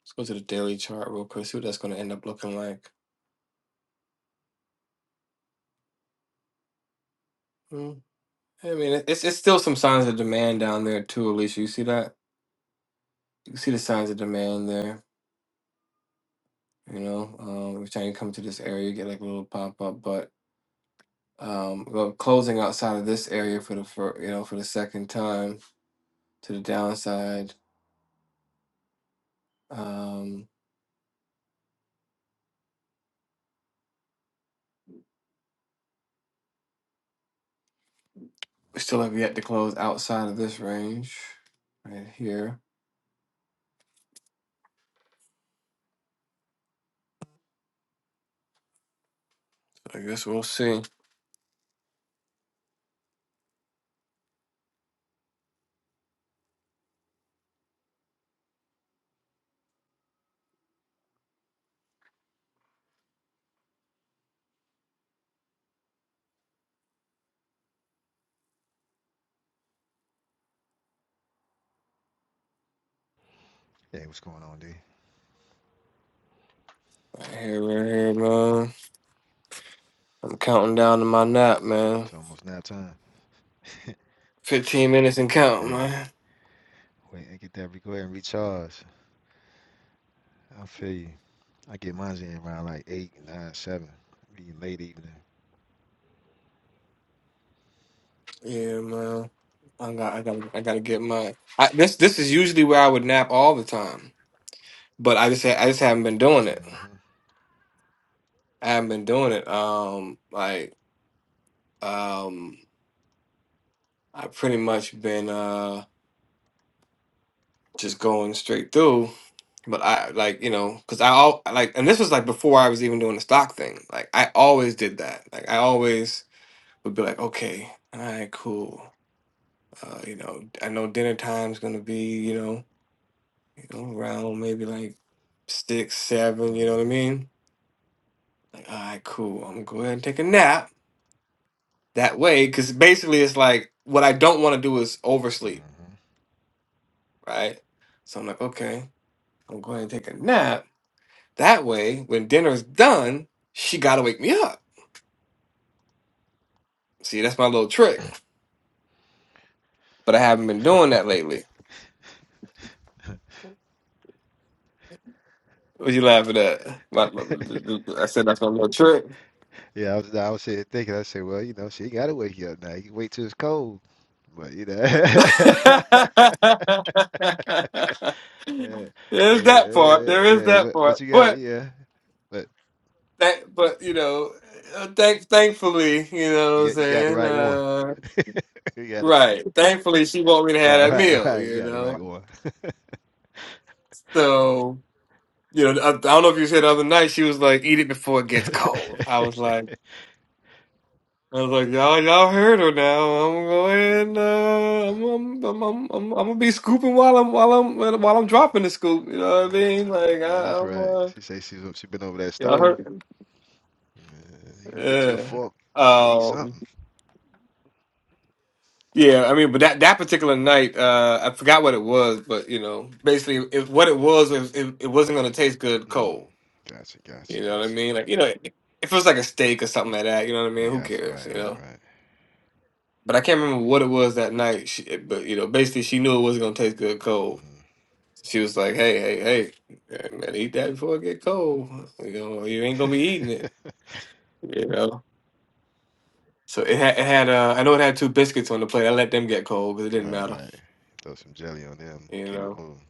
S1: let's go to the daily chart real quick. See what that's gonna end up looking like. Mm, I mean, it- it's it's still some signs of demand down there too, Alicia. You see that? You see the signs of demand there. you know um, every time you come to this area you get like a little pop-up but um well, closing outside of this area for the for you know for the second time to the downside um we still have yet to close outside of this range right here i guess we'll see
S7: Hey, what's going on, D?
S1: right here right here man i'm counting down to my nap man
S7: It's almost nap time.
S1: 15 minutes and count
S7: Hey,
S1: man
S7: wait, I get that. Re- go ahead and recharge. I feel you. I get mine in around like eight, nine, seven, be late evening.
S1: yeah man i got i got i gotta get my I, this this is usually where i would nap all the time but i just ha- i just haven't been doing it
S7: Mm-hmm.
S1: I haven't been doing it. Um, like, um, I've pretty much been uh just going straight through. But I like, you know, because I all like, and this was like before I was even doing the stock thing. Like, I always did that. Like, I always would be like, okay, all right, cool. Uh, you know, I know dinner time's gonna be, you know, you know, around maybe like six, seven. You know what I
S7: Mm-hmm.
S1: mean? Like, all right, cool. I'm gonna go ahead and take a nap that way, because basically it's like what I don't want to do is oversleep.
S7: Mm-hmm.
S1: right? So I'm like, okay, I'm going to take a nap. That way, when dinner's done, she got to wake me up. See, that's my little trick. But I haven't been doing that lately. What you laughing at? My- my- I said that's my little trick.
S7: Yeah, I was, I was sitting thinking. I said, well, you know, she gotta wake you up now. You can wait till it's cold, but you know. yeah, yeah,
S1: There's that part.
S7: yeah,
S1: There is
S7: yeah.
S1: that
S7: What, what
S1: part.
S7: you got?
S1: But
S7: Yeah, but
S1: that, but you know, uh, thank, thankfully, you know what
S7: you
S1: I'm
S7: got you got the
S1: saying.
S7: right one.
S1: Uh,
S7: You got the
S1: right. Thankfully, she want me to have
S7: right,
S1: that
S7: right,
S1: meal.
S7: right. You
S1: You
S7: got the
S1: know.
S7: right one.
S1: So You know, I, I don't know if you said the other night she was like, "Eat it before it gets cold." I was like, I was like, y'all, y'all heard her now. I'm going, uh, I'm, I'm, I'm, I'm, I'm, I'm gonna be scooping while I'm, while I'm, while I'm dropping the scoop. You know what I
S7: And,
S1: mean?
S7: and
S1: Like, I,
S7: that's
S1: I'm,
S7: right.
S1: uh,
S7: She say she's she been over that
S1: y'all
S7: stove.
S1: heard,
S7: Uh, you gonna get you a
S1: yeah,
S7: fork, eat
S1: um,
S7: something.
S1: yeah. I mean, but that that particular night, uh, I forgot what it was, but you know, basically, it, what it was, it, it, it wasn't gonna taste good
S7: Mm.
S1: cold.
S7: Gotcha, gotcha,
S1: You know what I
S7: gotcha.
S1: mean? Like, you know, if it was like a steak or something like that, you know what I
S7: I
S1: mean? Who
S7: gotcha.
S1: cares?
S7: Right,
S1: You know.
S7: right,
S1: but I can't remember what it was that night. She, but you know, basically, she knew it wasn't gonna taste good cold. She was like, "Hey, hey, hey, hey, man, eat that before it get cold. You know, you ain't
S7: right. Mhm.
S1: gonna be eating it. You know." So it had, it had. Uh, I know it had two biscuits on the plate. I let them get cold because it didn't
S7: right,
S1: matter.
S7: right. Throw some jelly on them.
S1: You
S7: Keep it
S1: know.
S7: moving.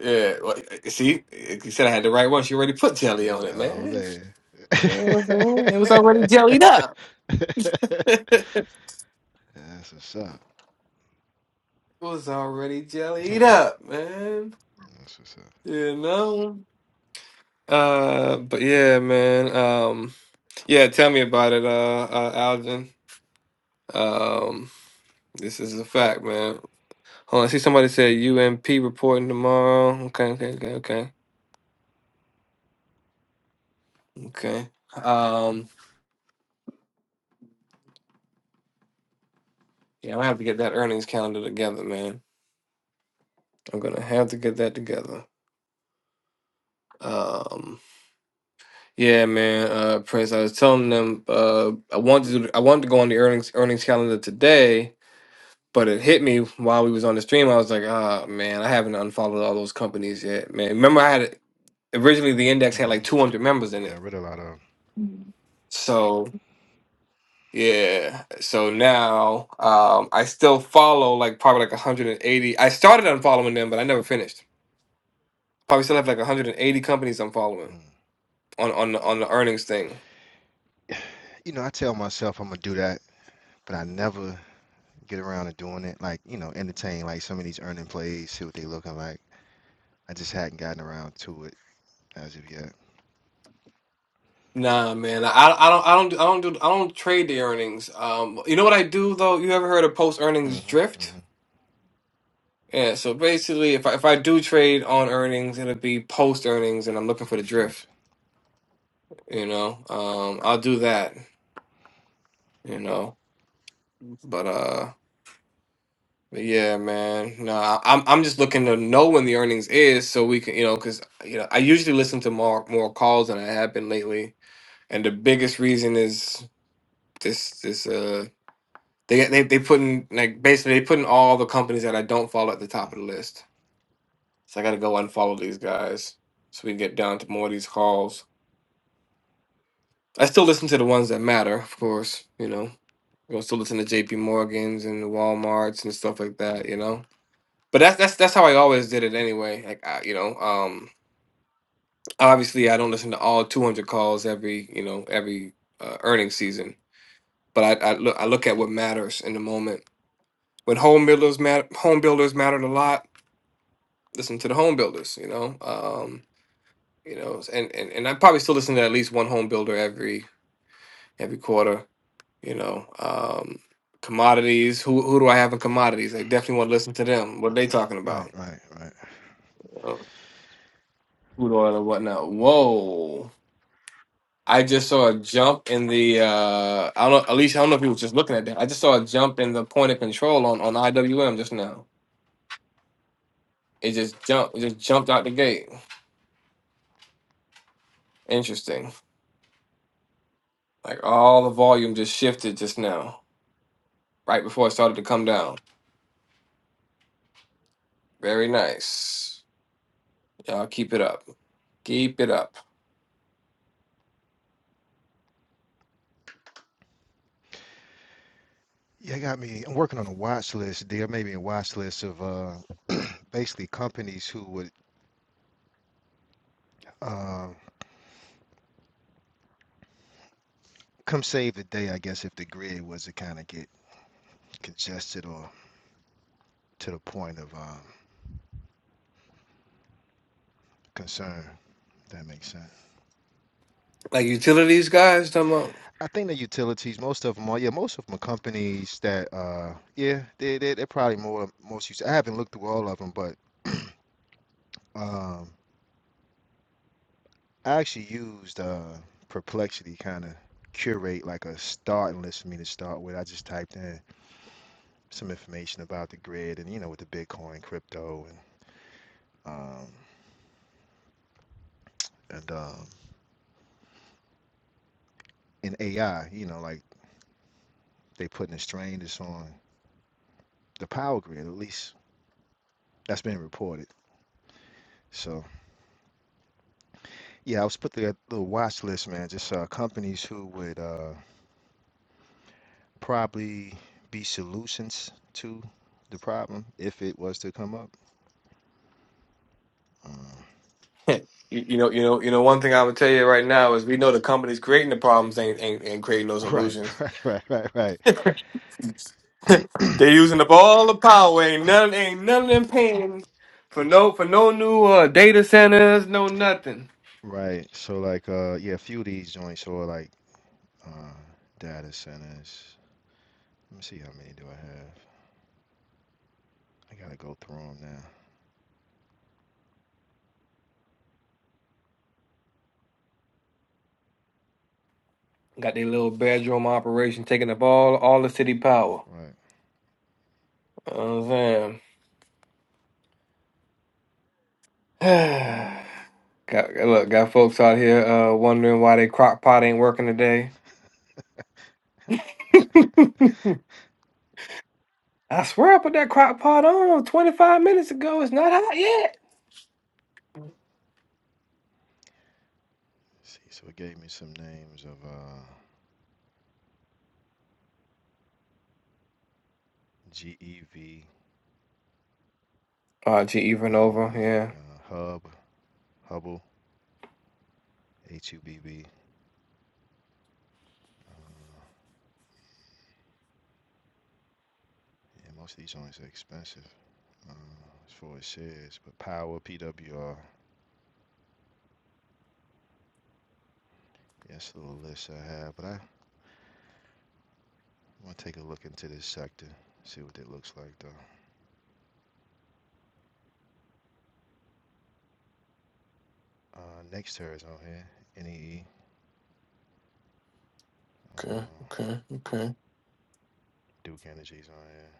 S1: Yeah. Well, eh, see, eh, you said I had the right one. She already put jelly on
S7: Mm,
S1: it,
S7: Oh
S1: man.
S7: man.
S1: You know what I'm saying? It was already jellied up. it
S7: That's what's up.
S1: was already jellied up, man.
S7: That's what's up.
S1: You know. Uh, but yeah, man. Um, yeah, tell me about it, uh, uh Algin. Um, this is a fact, man. Hold on, I see somebody said UMP reporting tomorrow. Okay, okay, okay, okay, okay. Um, yeah, I am gonna have to get that earnings calendar together, man. I'm gonna have to get that together. Um, yeah, man. Uh, Prince, I was telling them, uh, I wanted to, I wanted to go on the earnings earnings calendar today But it hit me while we was on the stream. I was like, ah, man, I haven't unfollowed all those companies yet, man. Remember, I had originally the index had
S7: hmm
S1: like 200 members in
S7: You
S1: it.
S7: got rid of a lot of 'em.
S1: So yeah, so now um, I still follow like probably like 180. I started unfollowing them, but I never finished. Probably still have like 180 companies I'm following
S7: Mm.
S1: on on the, on the earnings thing.
S7: You know, I tell myself I'm gonna do that, but I never. get around to doing it, like, you know, entertain like some of these earning plays, see what they looking like. I just hadn't gotten around to it as of yet.
S1: Nah, man, I, I don't I don't I don't do I don't trade the earnings. Um, you know what I do though? You ever heard of post earnings
S7: Mm-hmm.
S1: drift?
S7: Mm-hmm.
S1: Yeah, so basically, if I, if I do trade on earnings, it'll be post earnings, and I'm looking for the drift.
S7: Gotcha.
S1: You know, um, I'll do that. You know, but uh, but yeah, man, no, nah, I'm I'm just looking to know when the earnings is, so we can, you know, because you know, I usually listen to more more calls than I have been lately, and the biggest reason is this this uh they they they putting like basically they putting all the companies that I don't follow at the top of the list, so I got to go unfollow these guys so we can get down to more of these calls. I still listen to the ones that matter, of course, you know. I still listen to JP Morgans and the Walmarts and stuff like that, you
S7: Mm-hmm.
S1: know. But that's that's that's how I always did it anyway. Like I, you know, um obviously I don't listen to all 200 calls every, you know, every uh, earnings season, but I I look I look at what matters in the moment. When home builders matter home builders mattered a lot, listen to the home builders, you know. Um, you know, and and and I probably still listen to at least one home builder every every quarter you know um commodities who who do i have in commodities i definitely want to listen to them what are they talking
S7: Right,
S1: about
S7: right, right.
S1: uh, crude oil and whatnot whoa i just saw a jump in the uh i don't know at least i don't know if you was just looking at that i just saw a jump in the point of control on on iwm just now it just jumped it just jumped out the gate interesting like all the volume just shifted just now right before it started to come down very nice y'all keep it up keep it up
S7: Yeah, I got me. I'm working on a watch list. There may be a watch list of uh basically companies who would uh come save the day, I guess, if the grid was to kind of get congested or to the point of um concern. if that makes sense.
S1: like utilities guys, talking about.
S7: I think the utilities, most of them are, yeah, most of them are companies that, uh, yeah, they, they, they're probably more, most used. I haven't looked through all of them, but um, I actually used uh, Perplexity kind of curate like a starting list for me to start with. I just typed in some information about the grid and, you know, with the Bitcoin, crypto, and, um, and, um, and AI, you know, like they putting a strain that's on the power grid, at least that's been reported. So, Yeah, I was put the the watch list, man. Just uh, companies who would uh, probably be solutions to the problem if it was to come up. Uh,
S1: You, you know, you know, you know. One thing I would tell you right now is we know the companies creating the problems ain't ain't, ain't creating no
S7: right,
S1: solutions.
S7: right, right, right, right,
S1: They're using up all the power. Ain't none, ain't none of them paying for no for no new uh, data centers, no nothing.
S7: right. So like, uh, yeah, a few of these joints or like uh, data centers. Let me see how many do I have. I gotta go through them now.
S1: Got their little bedroom operation taking up all all the city power.
S7: Right.
S1: You know what I'm saying. got look, got folks out here uh, wondering why they crock pot ain't working today. I swear I put that crock pot on 25 minutes ago. It's not hot yet.
S7: See, so it gave me some names of uh, GEV,
S1: Uh, GE Renova,
S7: mhm,
S1: yeah.
S7: uh, Hub, Hubble, H-U-B-B. Yeah, most of these joints are expensive uh, as far as shares, but Power, PWR, yes, little list I have, but I want to take a look into this sector, see what it looks like though. Uh, NextEra is on here, NEE,
S1: Okay,
S7: uh,
S1: okay, okay.
S7: Duke Energy's on here,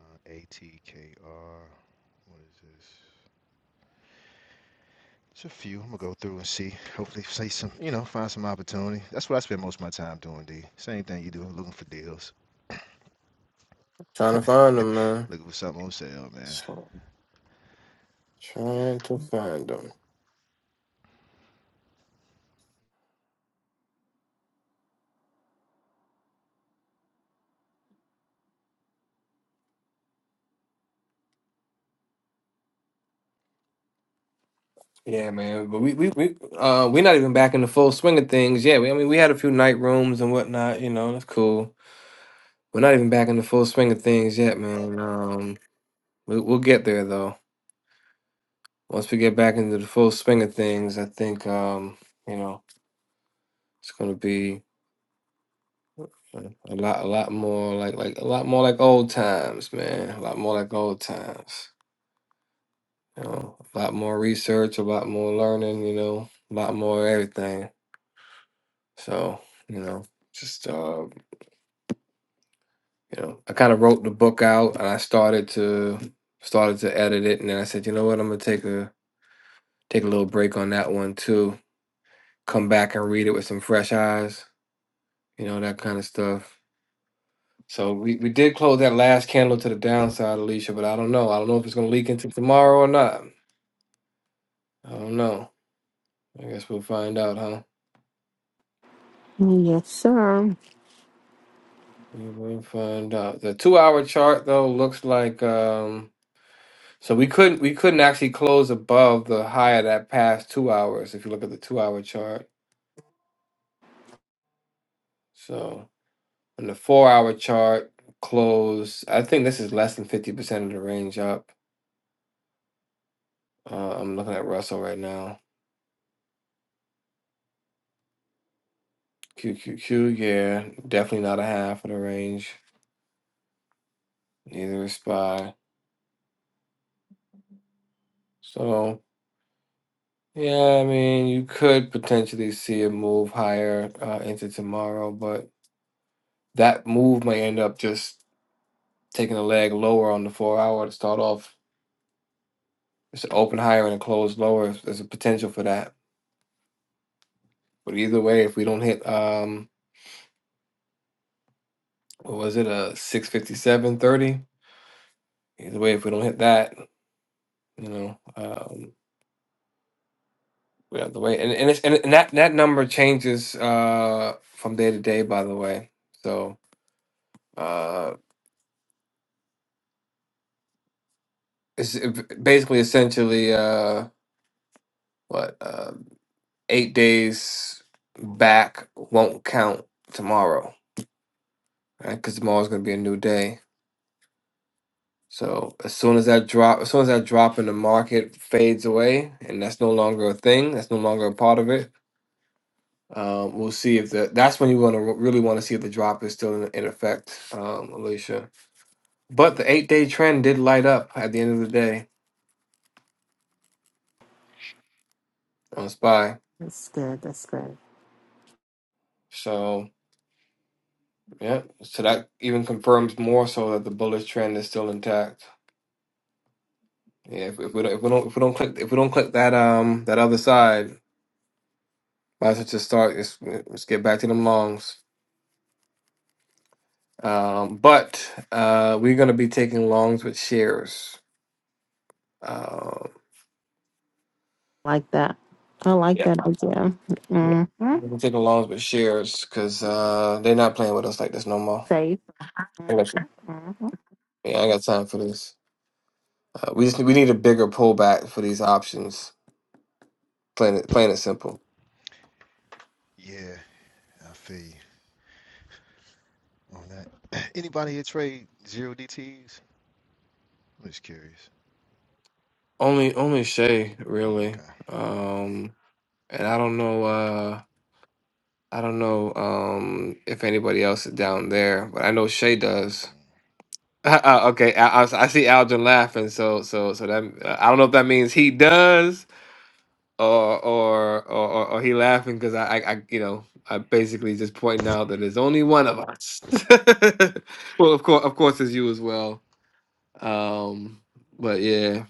S7: uh, ATKR, what is this? It's a few. I'm gonna go through and see. Hopefully, say some, you know, find some opportunity. That's what I spend most of my time doing. D. Same thing you do, looking for deals,
S1: Trying to find them, man.
S7: looking for something on sale, man.
S1: So trying to find them. Yeah, man. But we we we uh we're not even back in the full swing of things. Yeah, we, I mean we had a few night rooms and whatnot. You know, that's cool. We're not even back in the full swing of things yet, man. Um, we, we'll get there though. Once we get back into the full swing of things, I think um you know it's gonna be a lot a lot more like like a lot more like old times, man. A lot more like old times. You know, a lot more research, a lot more learning, you know, a lot more everything. So, you know, just uh, you know, I kind of wrote the book out and I started to started to edit it and then I said, you know what, I'm gonna take a take a little break on that one too. Come back and read it with some fresh eyes, you know, that kind of stuff. So we, we did close that last candle to the downside, Alicia, but I don't know. I don't know if it's gonna leak into tomorrow or not. I don't know. I guess we'll find out, huh?
S6: Yes, sir.
S1: You will find out. The two hour chart though looks like um so we couldn't we couldn't actually close above the high of that past two hours if you look at the two hour chart. So and the four hour chart close I think this is less than fifty percent of the range up. Uh, I'm looking at Russell right now. Q Q Q. yeah, definitely not a half of the range. Neither is SPY. So yeah, I mean you could potentially see it move higher uh, into tomorrow, but that move may end up just taking a leg lower on the four hour to start off. It's an open higher and a close lower. There's a potential for that. But either way, if we don't hit, um, what was it, a six fifty seven thirty? Either way, if we don't hit that, you know, um, we have the way. And and, it's, and and that that number changes uh from day to day. By the way, so uh, it's it- basically essentially uh what uh eight days back won't count tomorrow right? Because tomorrow's gonna be a new day. So as soon as that drop, as soon as that drop in the market fades away, and that's no longer a thing, that's no longer a part of it. Um, we'll see if the that's when you want to really want to see if the drop is still in, in effect, um, Alicia. But the eight day trend did light up at the end of the day on SPY.
S6: That's good. That's good.
S1: So yeah, so that even confirms more so that the bullish trend is still intact. Yeah, if, if we don't if we don't if we don't click if we don't click that um that other side, Might as well just start. Let's, let's get back to them longs. Um, but uh, we're going to be taking longs with shares. Um,
S6: Like that. I like
S1: yeah.
S6: that idea.
S1: yeah.
S6: Mm-hmm.
S1: We're gonna be taking longs with shares because uh, they're not playing with us like this no more.
S6: Safe.
S1: I got,
S6: Mm-hmm. Mm-hmm.
S1: yeah, I got time for this. Uh, we just we need a bigger pullback for these options. Plain it, plain and simple.
S7: Yeah, I feel you. on that. Anybody here trade zero DTs? I'm just curious.
S1: Only only Shay
S7: Oh,
S1: really.
S7: okay.
S1: Um, and I don't know. Uh, I don't know um, if anybody else is down there, but I know Shay does. Uh, uh, okay, I, I, I see Algin laughing, so so so that uh, I don't know if that means he does or or or, or, or he laughing because I, I I you know I basically just pointing out that there's only one of us. well, of course, of course, it's you as well. Um, but yeah,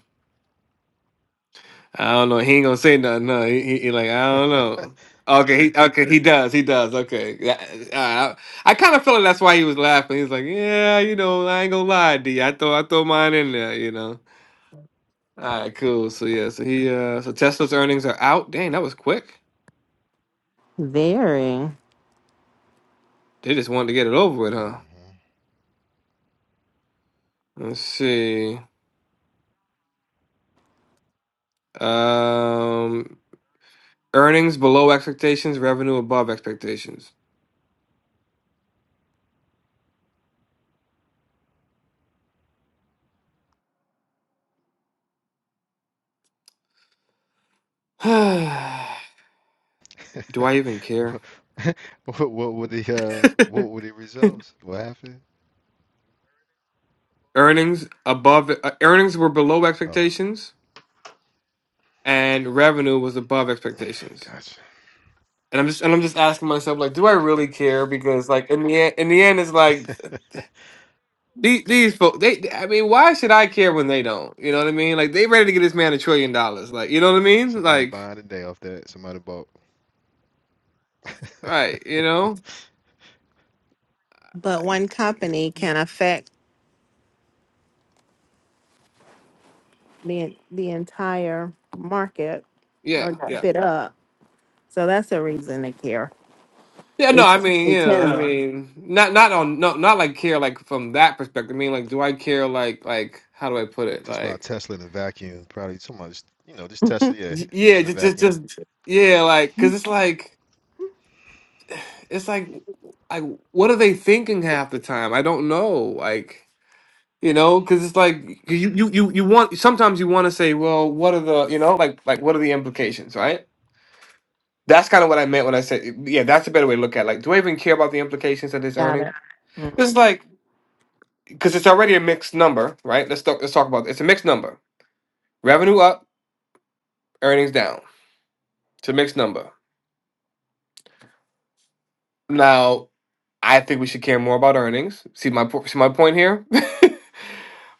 S1: I don't know. He ain't gonna say nothing. No, he, he, he like I don't
S7: Mm.
S1: know. Okay, he okay he does he does okay. Yeah, all right, I, I kind of feel like that's why he was laughing. He's like, yeah, you know, I ain't gonna lie, D. I throw I throw mine in there, you know. All right, cool. So yeah, so he uh so Tesla's earnings are out. Dang, that was quick.
S6: Very.
S1: They just wanted to get it over with, huh? Let's see. Um earnings below expectations, revenue above expectations. Do I
S7: Mm-hmm.
S1: even care?
S7: what, what were the uh what were the results? What happened?
S1: Earnings above uh, earnings were below
S7: Oh,
S1: expectations and revenue was above expectations.
S7: gotcha.
S1: And I'm just and I'm just asking myself like, do I really care because like in the end, in the end it's like
S7: yeah,
S1: These, these folks, they, they- I mean, why should I care when they don't? You know what I mean? Like, they ready to get this man a trillion dollars. Like, you know what I mean?
S7: somebody
S1: Like,
S7: buying today off that. Somebody bought
S1: right, you know?
S6: But one company can affect the the entire market
S1: Yeah,
S6: or jump
S1: yeah.
S6: it up. So that's a reason to care.
S1: Yeah, no,
S6: It's
S1: I mean, you know, I
S6: yeah.
S1: mean, not, not on, no, not like care, like, from that perspective. I mean, like, do I care, like, like, how do I put it?
S7: just bought
S1: Like,
S7: Tesla in a vacuum. Probably so much, you know, just Tesla. Yeah,
S1: y- yeah,
S7: just in a
S1: just, just,
S7: vacuum.
S1: just, yeah, like, cause it's like, it's like, like, what are they thinking half the time? I don't know. Like, you know because it's like you, you you you want sometimes you want to say well what are the you know like like what are the implications right that's kind of what i meant when i said yeah that's a better way to look at it. like do i even care about the implications of this
S6: Got
S1: earning
S6: it. Mm.
S1: It's like because it's already a mixed number right let's talk let's talk about it's a mixed number revenue up earnings down it's a mixed number now i think we should care more about earnings see my po- see my point here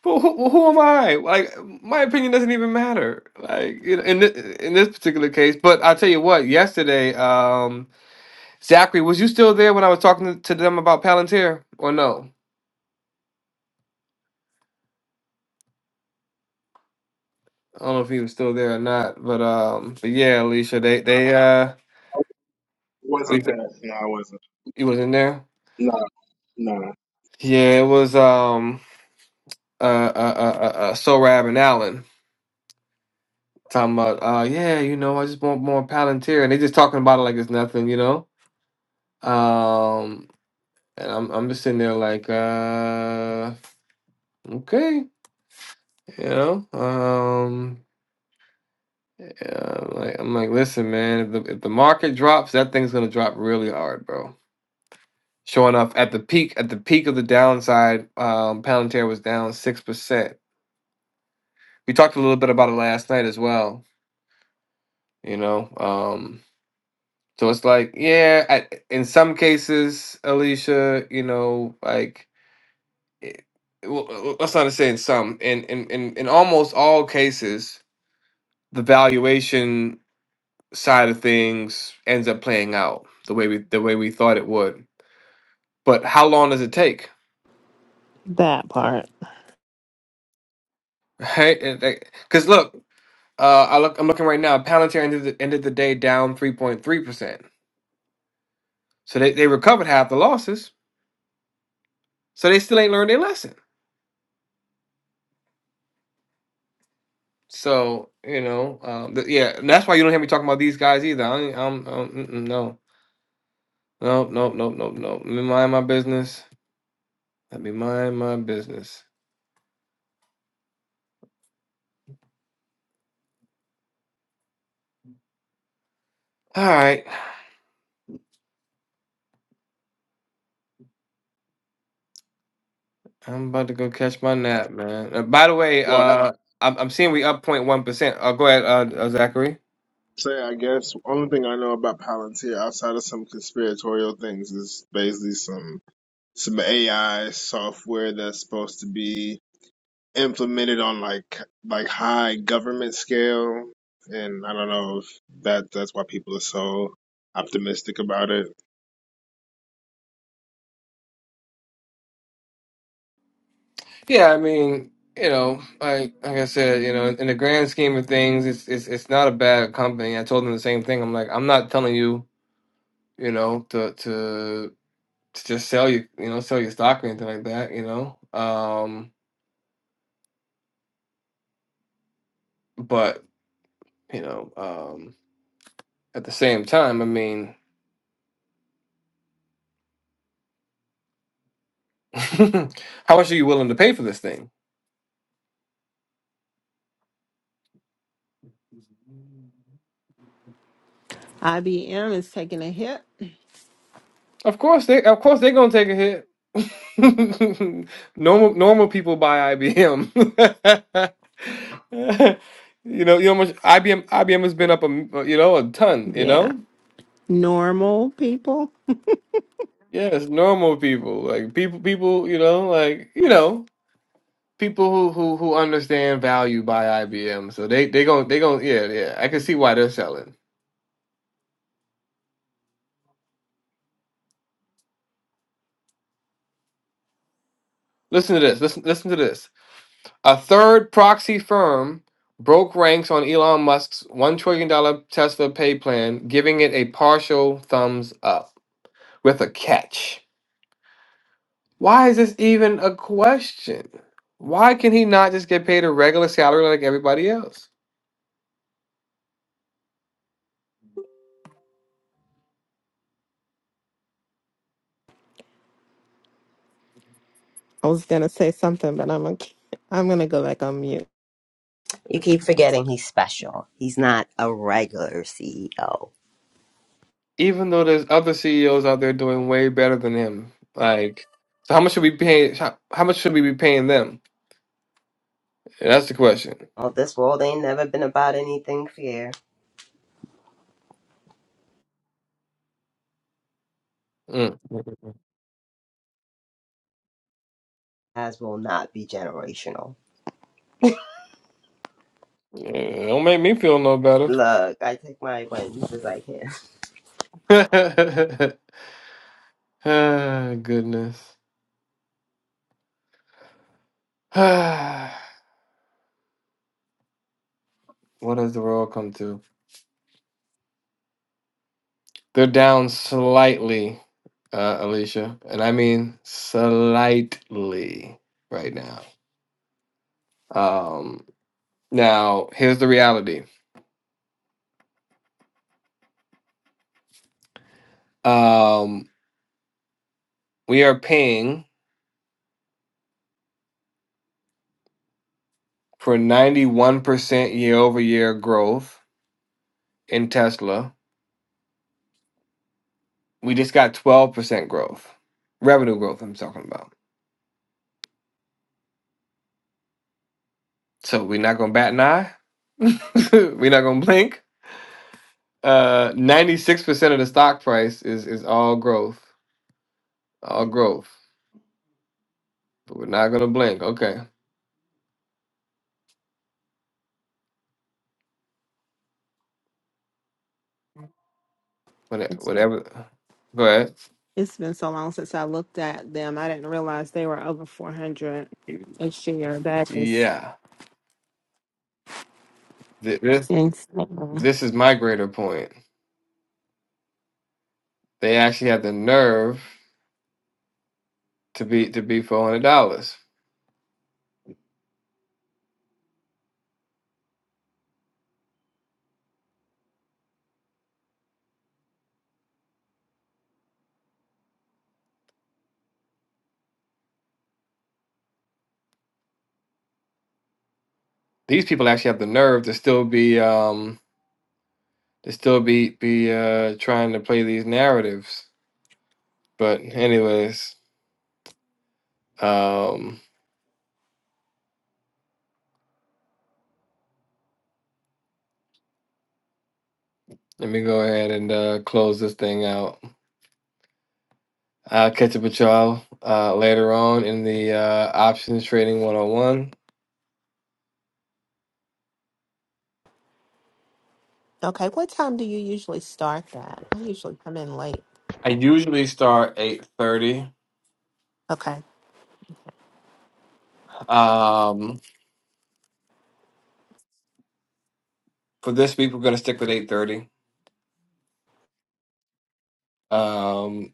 S1: But who, who am I? Like, my opinion doesn't even matter. Like, in in, thi- in this particular case. But I tell you what, yesterday, um, Zachary, was you still there when I was talking to, to them about Palantir, or no? I don't know if he was still there or not. But um, but yeah, Alicia, they they uh,
S5: Okay. wasn't
S1: Alicia,
S5: that. No, I wasn't.
S1: you was in there.
S5: No, no.
S1: Yeah, it was um, uh, uh, uh, uh, uh Sorab and Allen talking about uh, yeah, you know, I just want more Palantir, and they just talking about it like it's nothing, you know. Um. And I'm I'm just sitting there like, uh, okay, you know, um, yeah, I'm like I'm like, listen, man, if the if the market drops, that thing's gonna drop really hard, bro. Sure enough, at the peak, at the peak of the downside, um, Palantir was down six percent. We talked a little bit about it last night as well, you know. Um, so it's like, yeah, I, in some cases, Alicia, you know, like, it, well, let's not say in some, in in in in almost all cases the valuation side of things ends up playing out the way we the way we thought it would. But how long does it take?
S6: That part.
S1: Right? Because look, uh, I look, I'm looking right now. Palantir ended the, ended the day down 3.3 percent. So they, they recovered half the losses. So they still ain't learned their lesson. So you know, um, th- yeah, and that's why you don't hear me talking about these guys either. I ain't, I'm, I'm mm-mm, no, no, no, no, no, no. Let me mind my business. Let me mind my business. All right. I'm about to go catch my nap, man. Uh, by the way,
S5: Well, I have
S1: uh, I'm, I'm seeing we up point 0.1 percent. Uh, go ahead, uh, uh, Zachary.
S5: to say, I guess only thing I know about Palantir outside of some conspiratorial things is basically some some AI software that's supposed to be implemented on like like high government scale, and I don't know if that that's why people are so optimistic about it.
S1: Yeah, I mean, you know, like like I said, you know, in the grand scheme of things, it's it's it's not a bad company. I told them the same thing. I'm like, I'm not telling you, you know, to to to just sell you, you know, sell your stock or anything like that, you know. Um, but you know, um, at the same time, I mean, how much are you willing to pay for this thing?
S6: IBM is taking a hit.
S1: Of course they of course they're gonna take a hit. normal normal people buy IBM. you know, you know how much IBM IBM has been up a m- you know a ton. You
S6: Yeah.
S1: know,
S6: Normal people.
S1: yes, normal people like people people you know like you know people who who who understand value buy IBM. So they they going they going yeah yeah I can see why they're selling. Listen to this. Listen listen to this. A third proxy firm broke ranks on Elon Musk's $1 trillion dollars Tesla pay plan, giving it a partial thumbs up with a catch. Why is this even a question? Why can he not just get paid a regular salary like everybody else?
S6: I was gonna say something, but I'm gonna I'm gonna go back on mute.
S2: You keep forgetting he's special. He's not a regular CEO.
S1: Even though there's other CEOs out there doing way better than him. Like, so how much should we pay? How, how much should we be paying them? That's the question.
S2: Well, this world ain't never been about anything fair,
S1: Mm.
S2: as will not be generational.
S1: Yeah, Don't make me feel no better.
S2: Look, I take my wins as I can.
S1: Ah, goodness. Ah, what does the world come to? They're down slightly, uh, Alicia, and I mean slightly right now. Um, now here's the reality. Um, we are paying for 91% year over year growth in Tesla. We just got 12% growth, revenue growth. I'm talking about. So we're not gonna bat an eye. we're not gonna blink. Uh, ninety-six percent of the stock price is is all growth, all growth. But we're not gonna blink. Okay, What-
S6: It's,
S1: whatever. Go ahead.
S6: it's been so long since I looked at them. I didn't realize they were over 400 a share. That is
S1: Yeah, Th- this
S6: insane.
S1: this is my greater point. They actually have the nerve to be to be four hundred dollars. These people actually have the nerve to still be um to still be be uh trying to play these narratives. But anyways, um, let me go ahead and uh, close this thing out. I'll catch up with y'all uh, later on in the uh, options trading 101.
S6: Okay, what time do you usually start that? I usually come in late.
S1: I usually start 8:30.
S6: Okay,
S1: Um, for this week, we're going to stick with 8:30, um,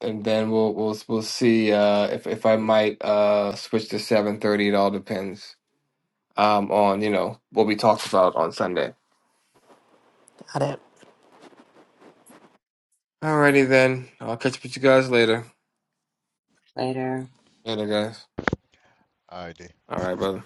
S1: and then we'll we'll we'll see uh, if if I might uh, switch to 7:30. It all depends um, on you know what we talked about on Sunday.
S6: got it.
S1: Alrighty then, I'll catch up with you guys later.
S2: Later.
S1: Later, guys.
S7: All right, D.
S1: All right, brother.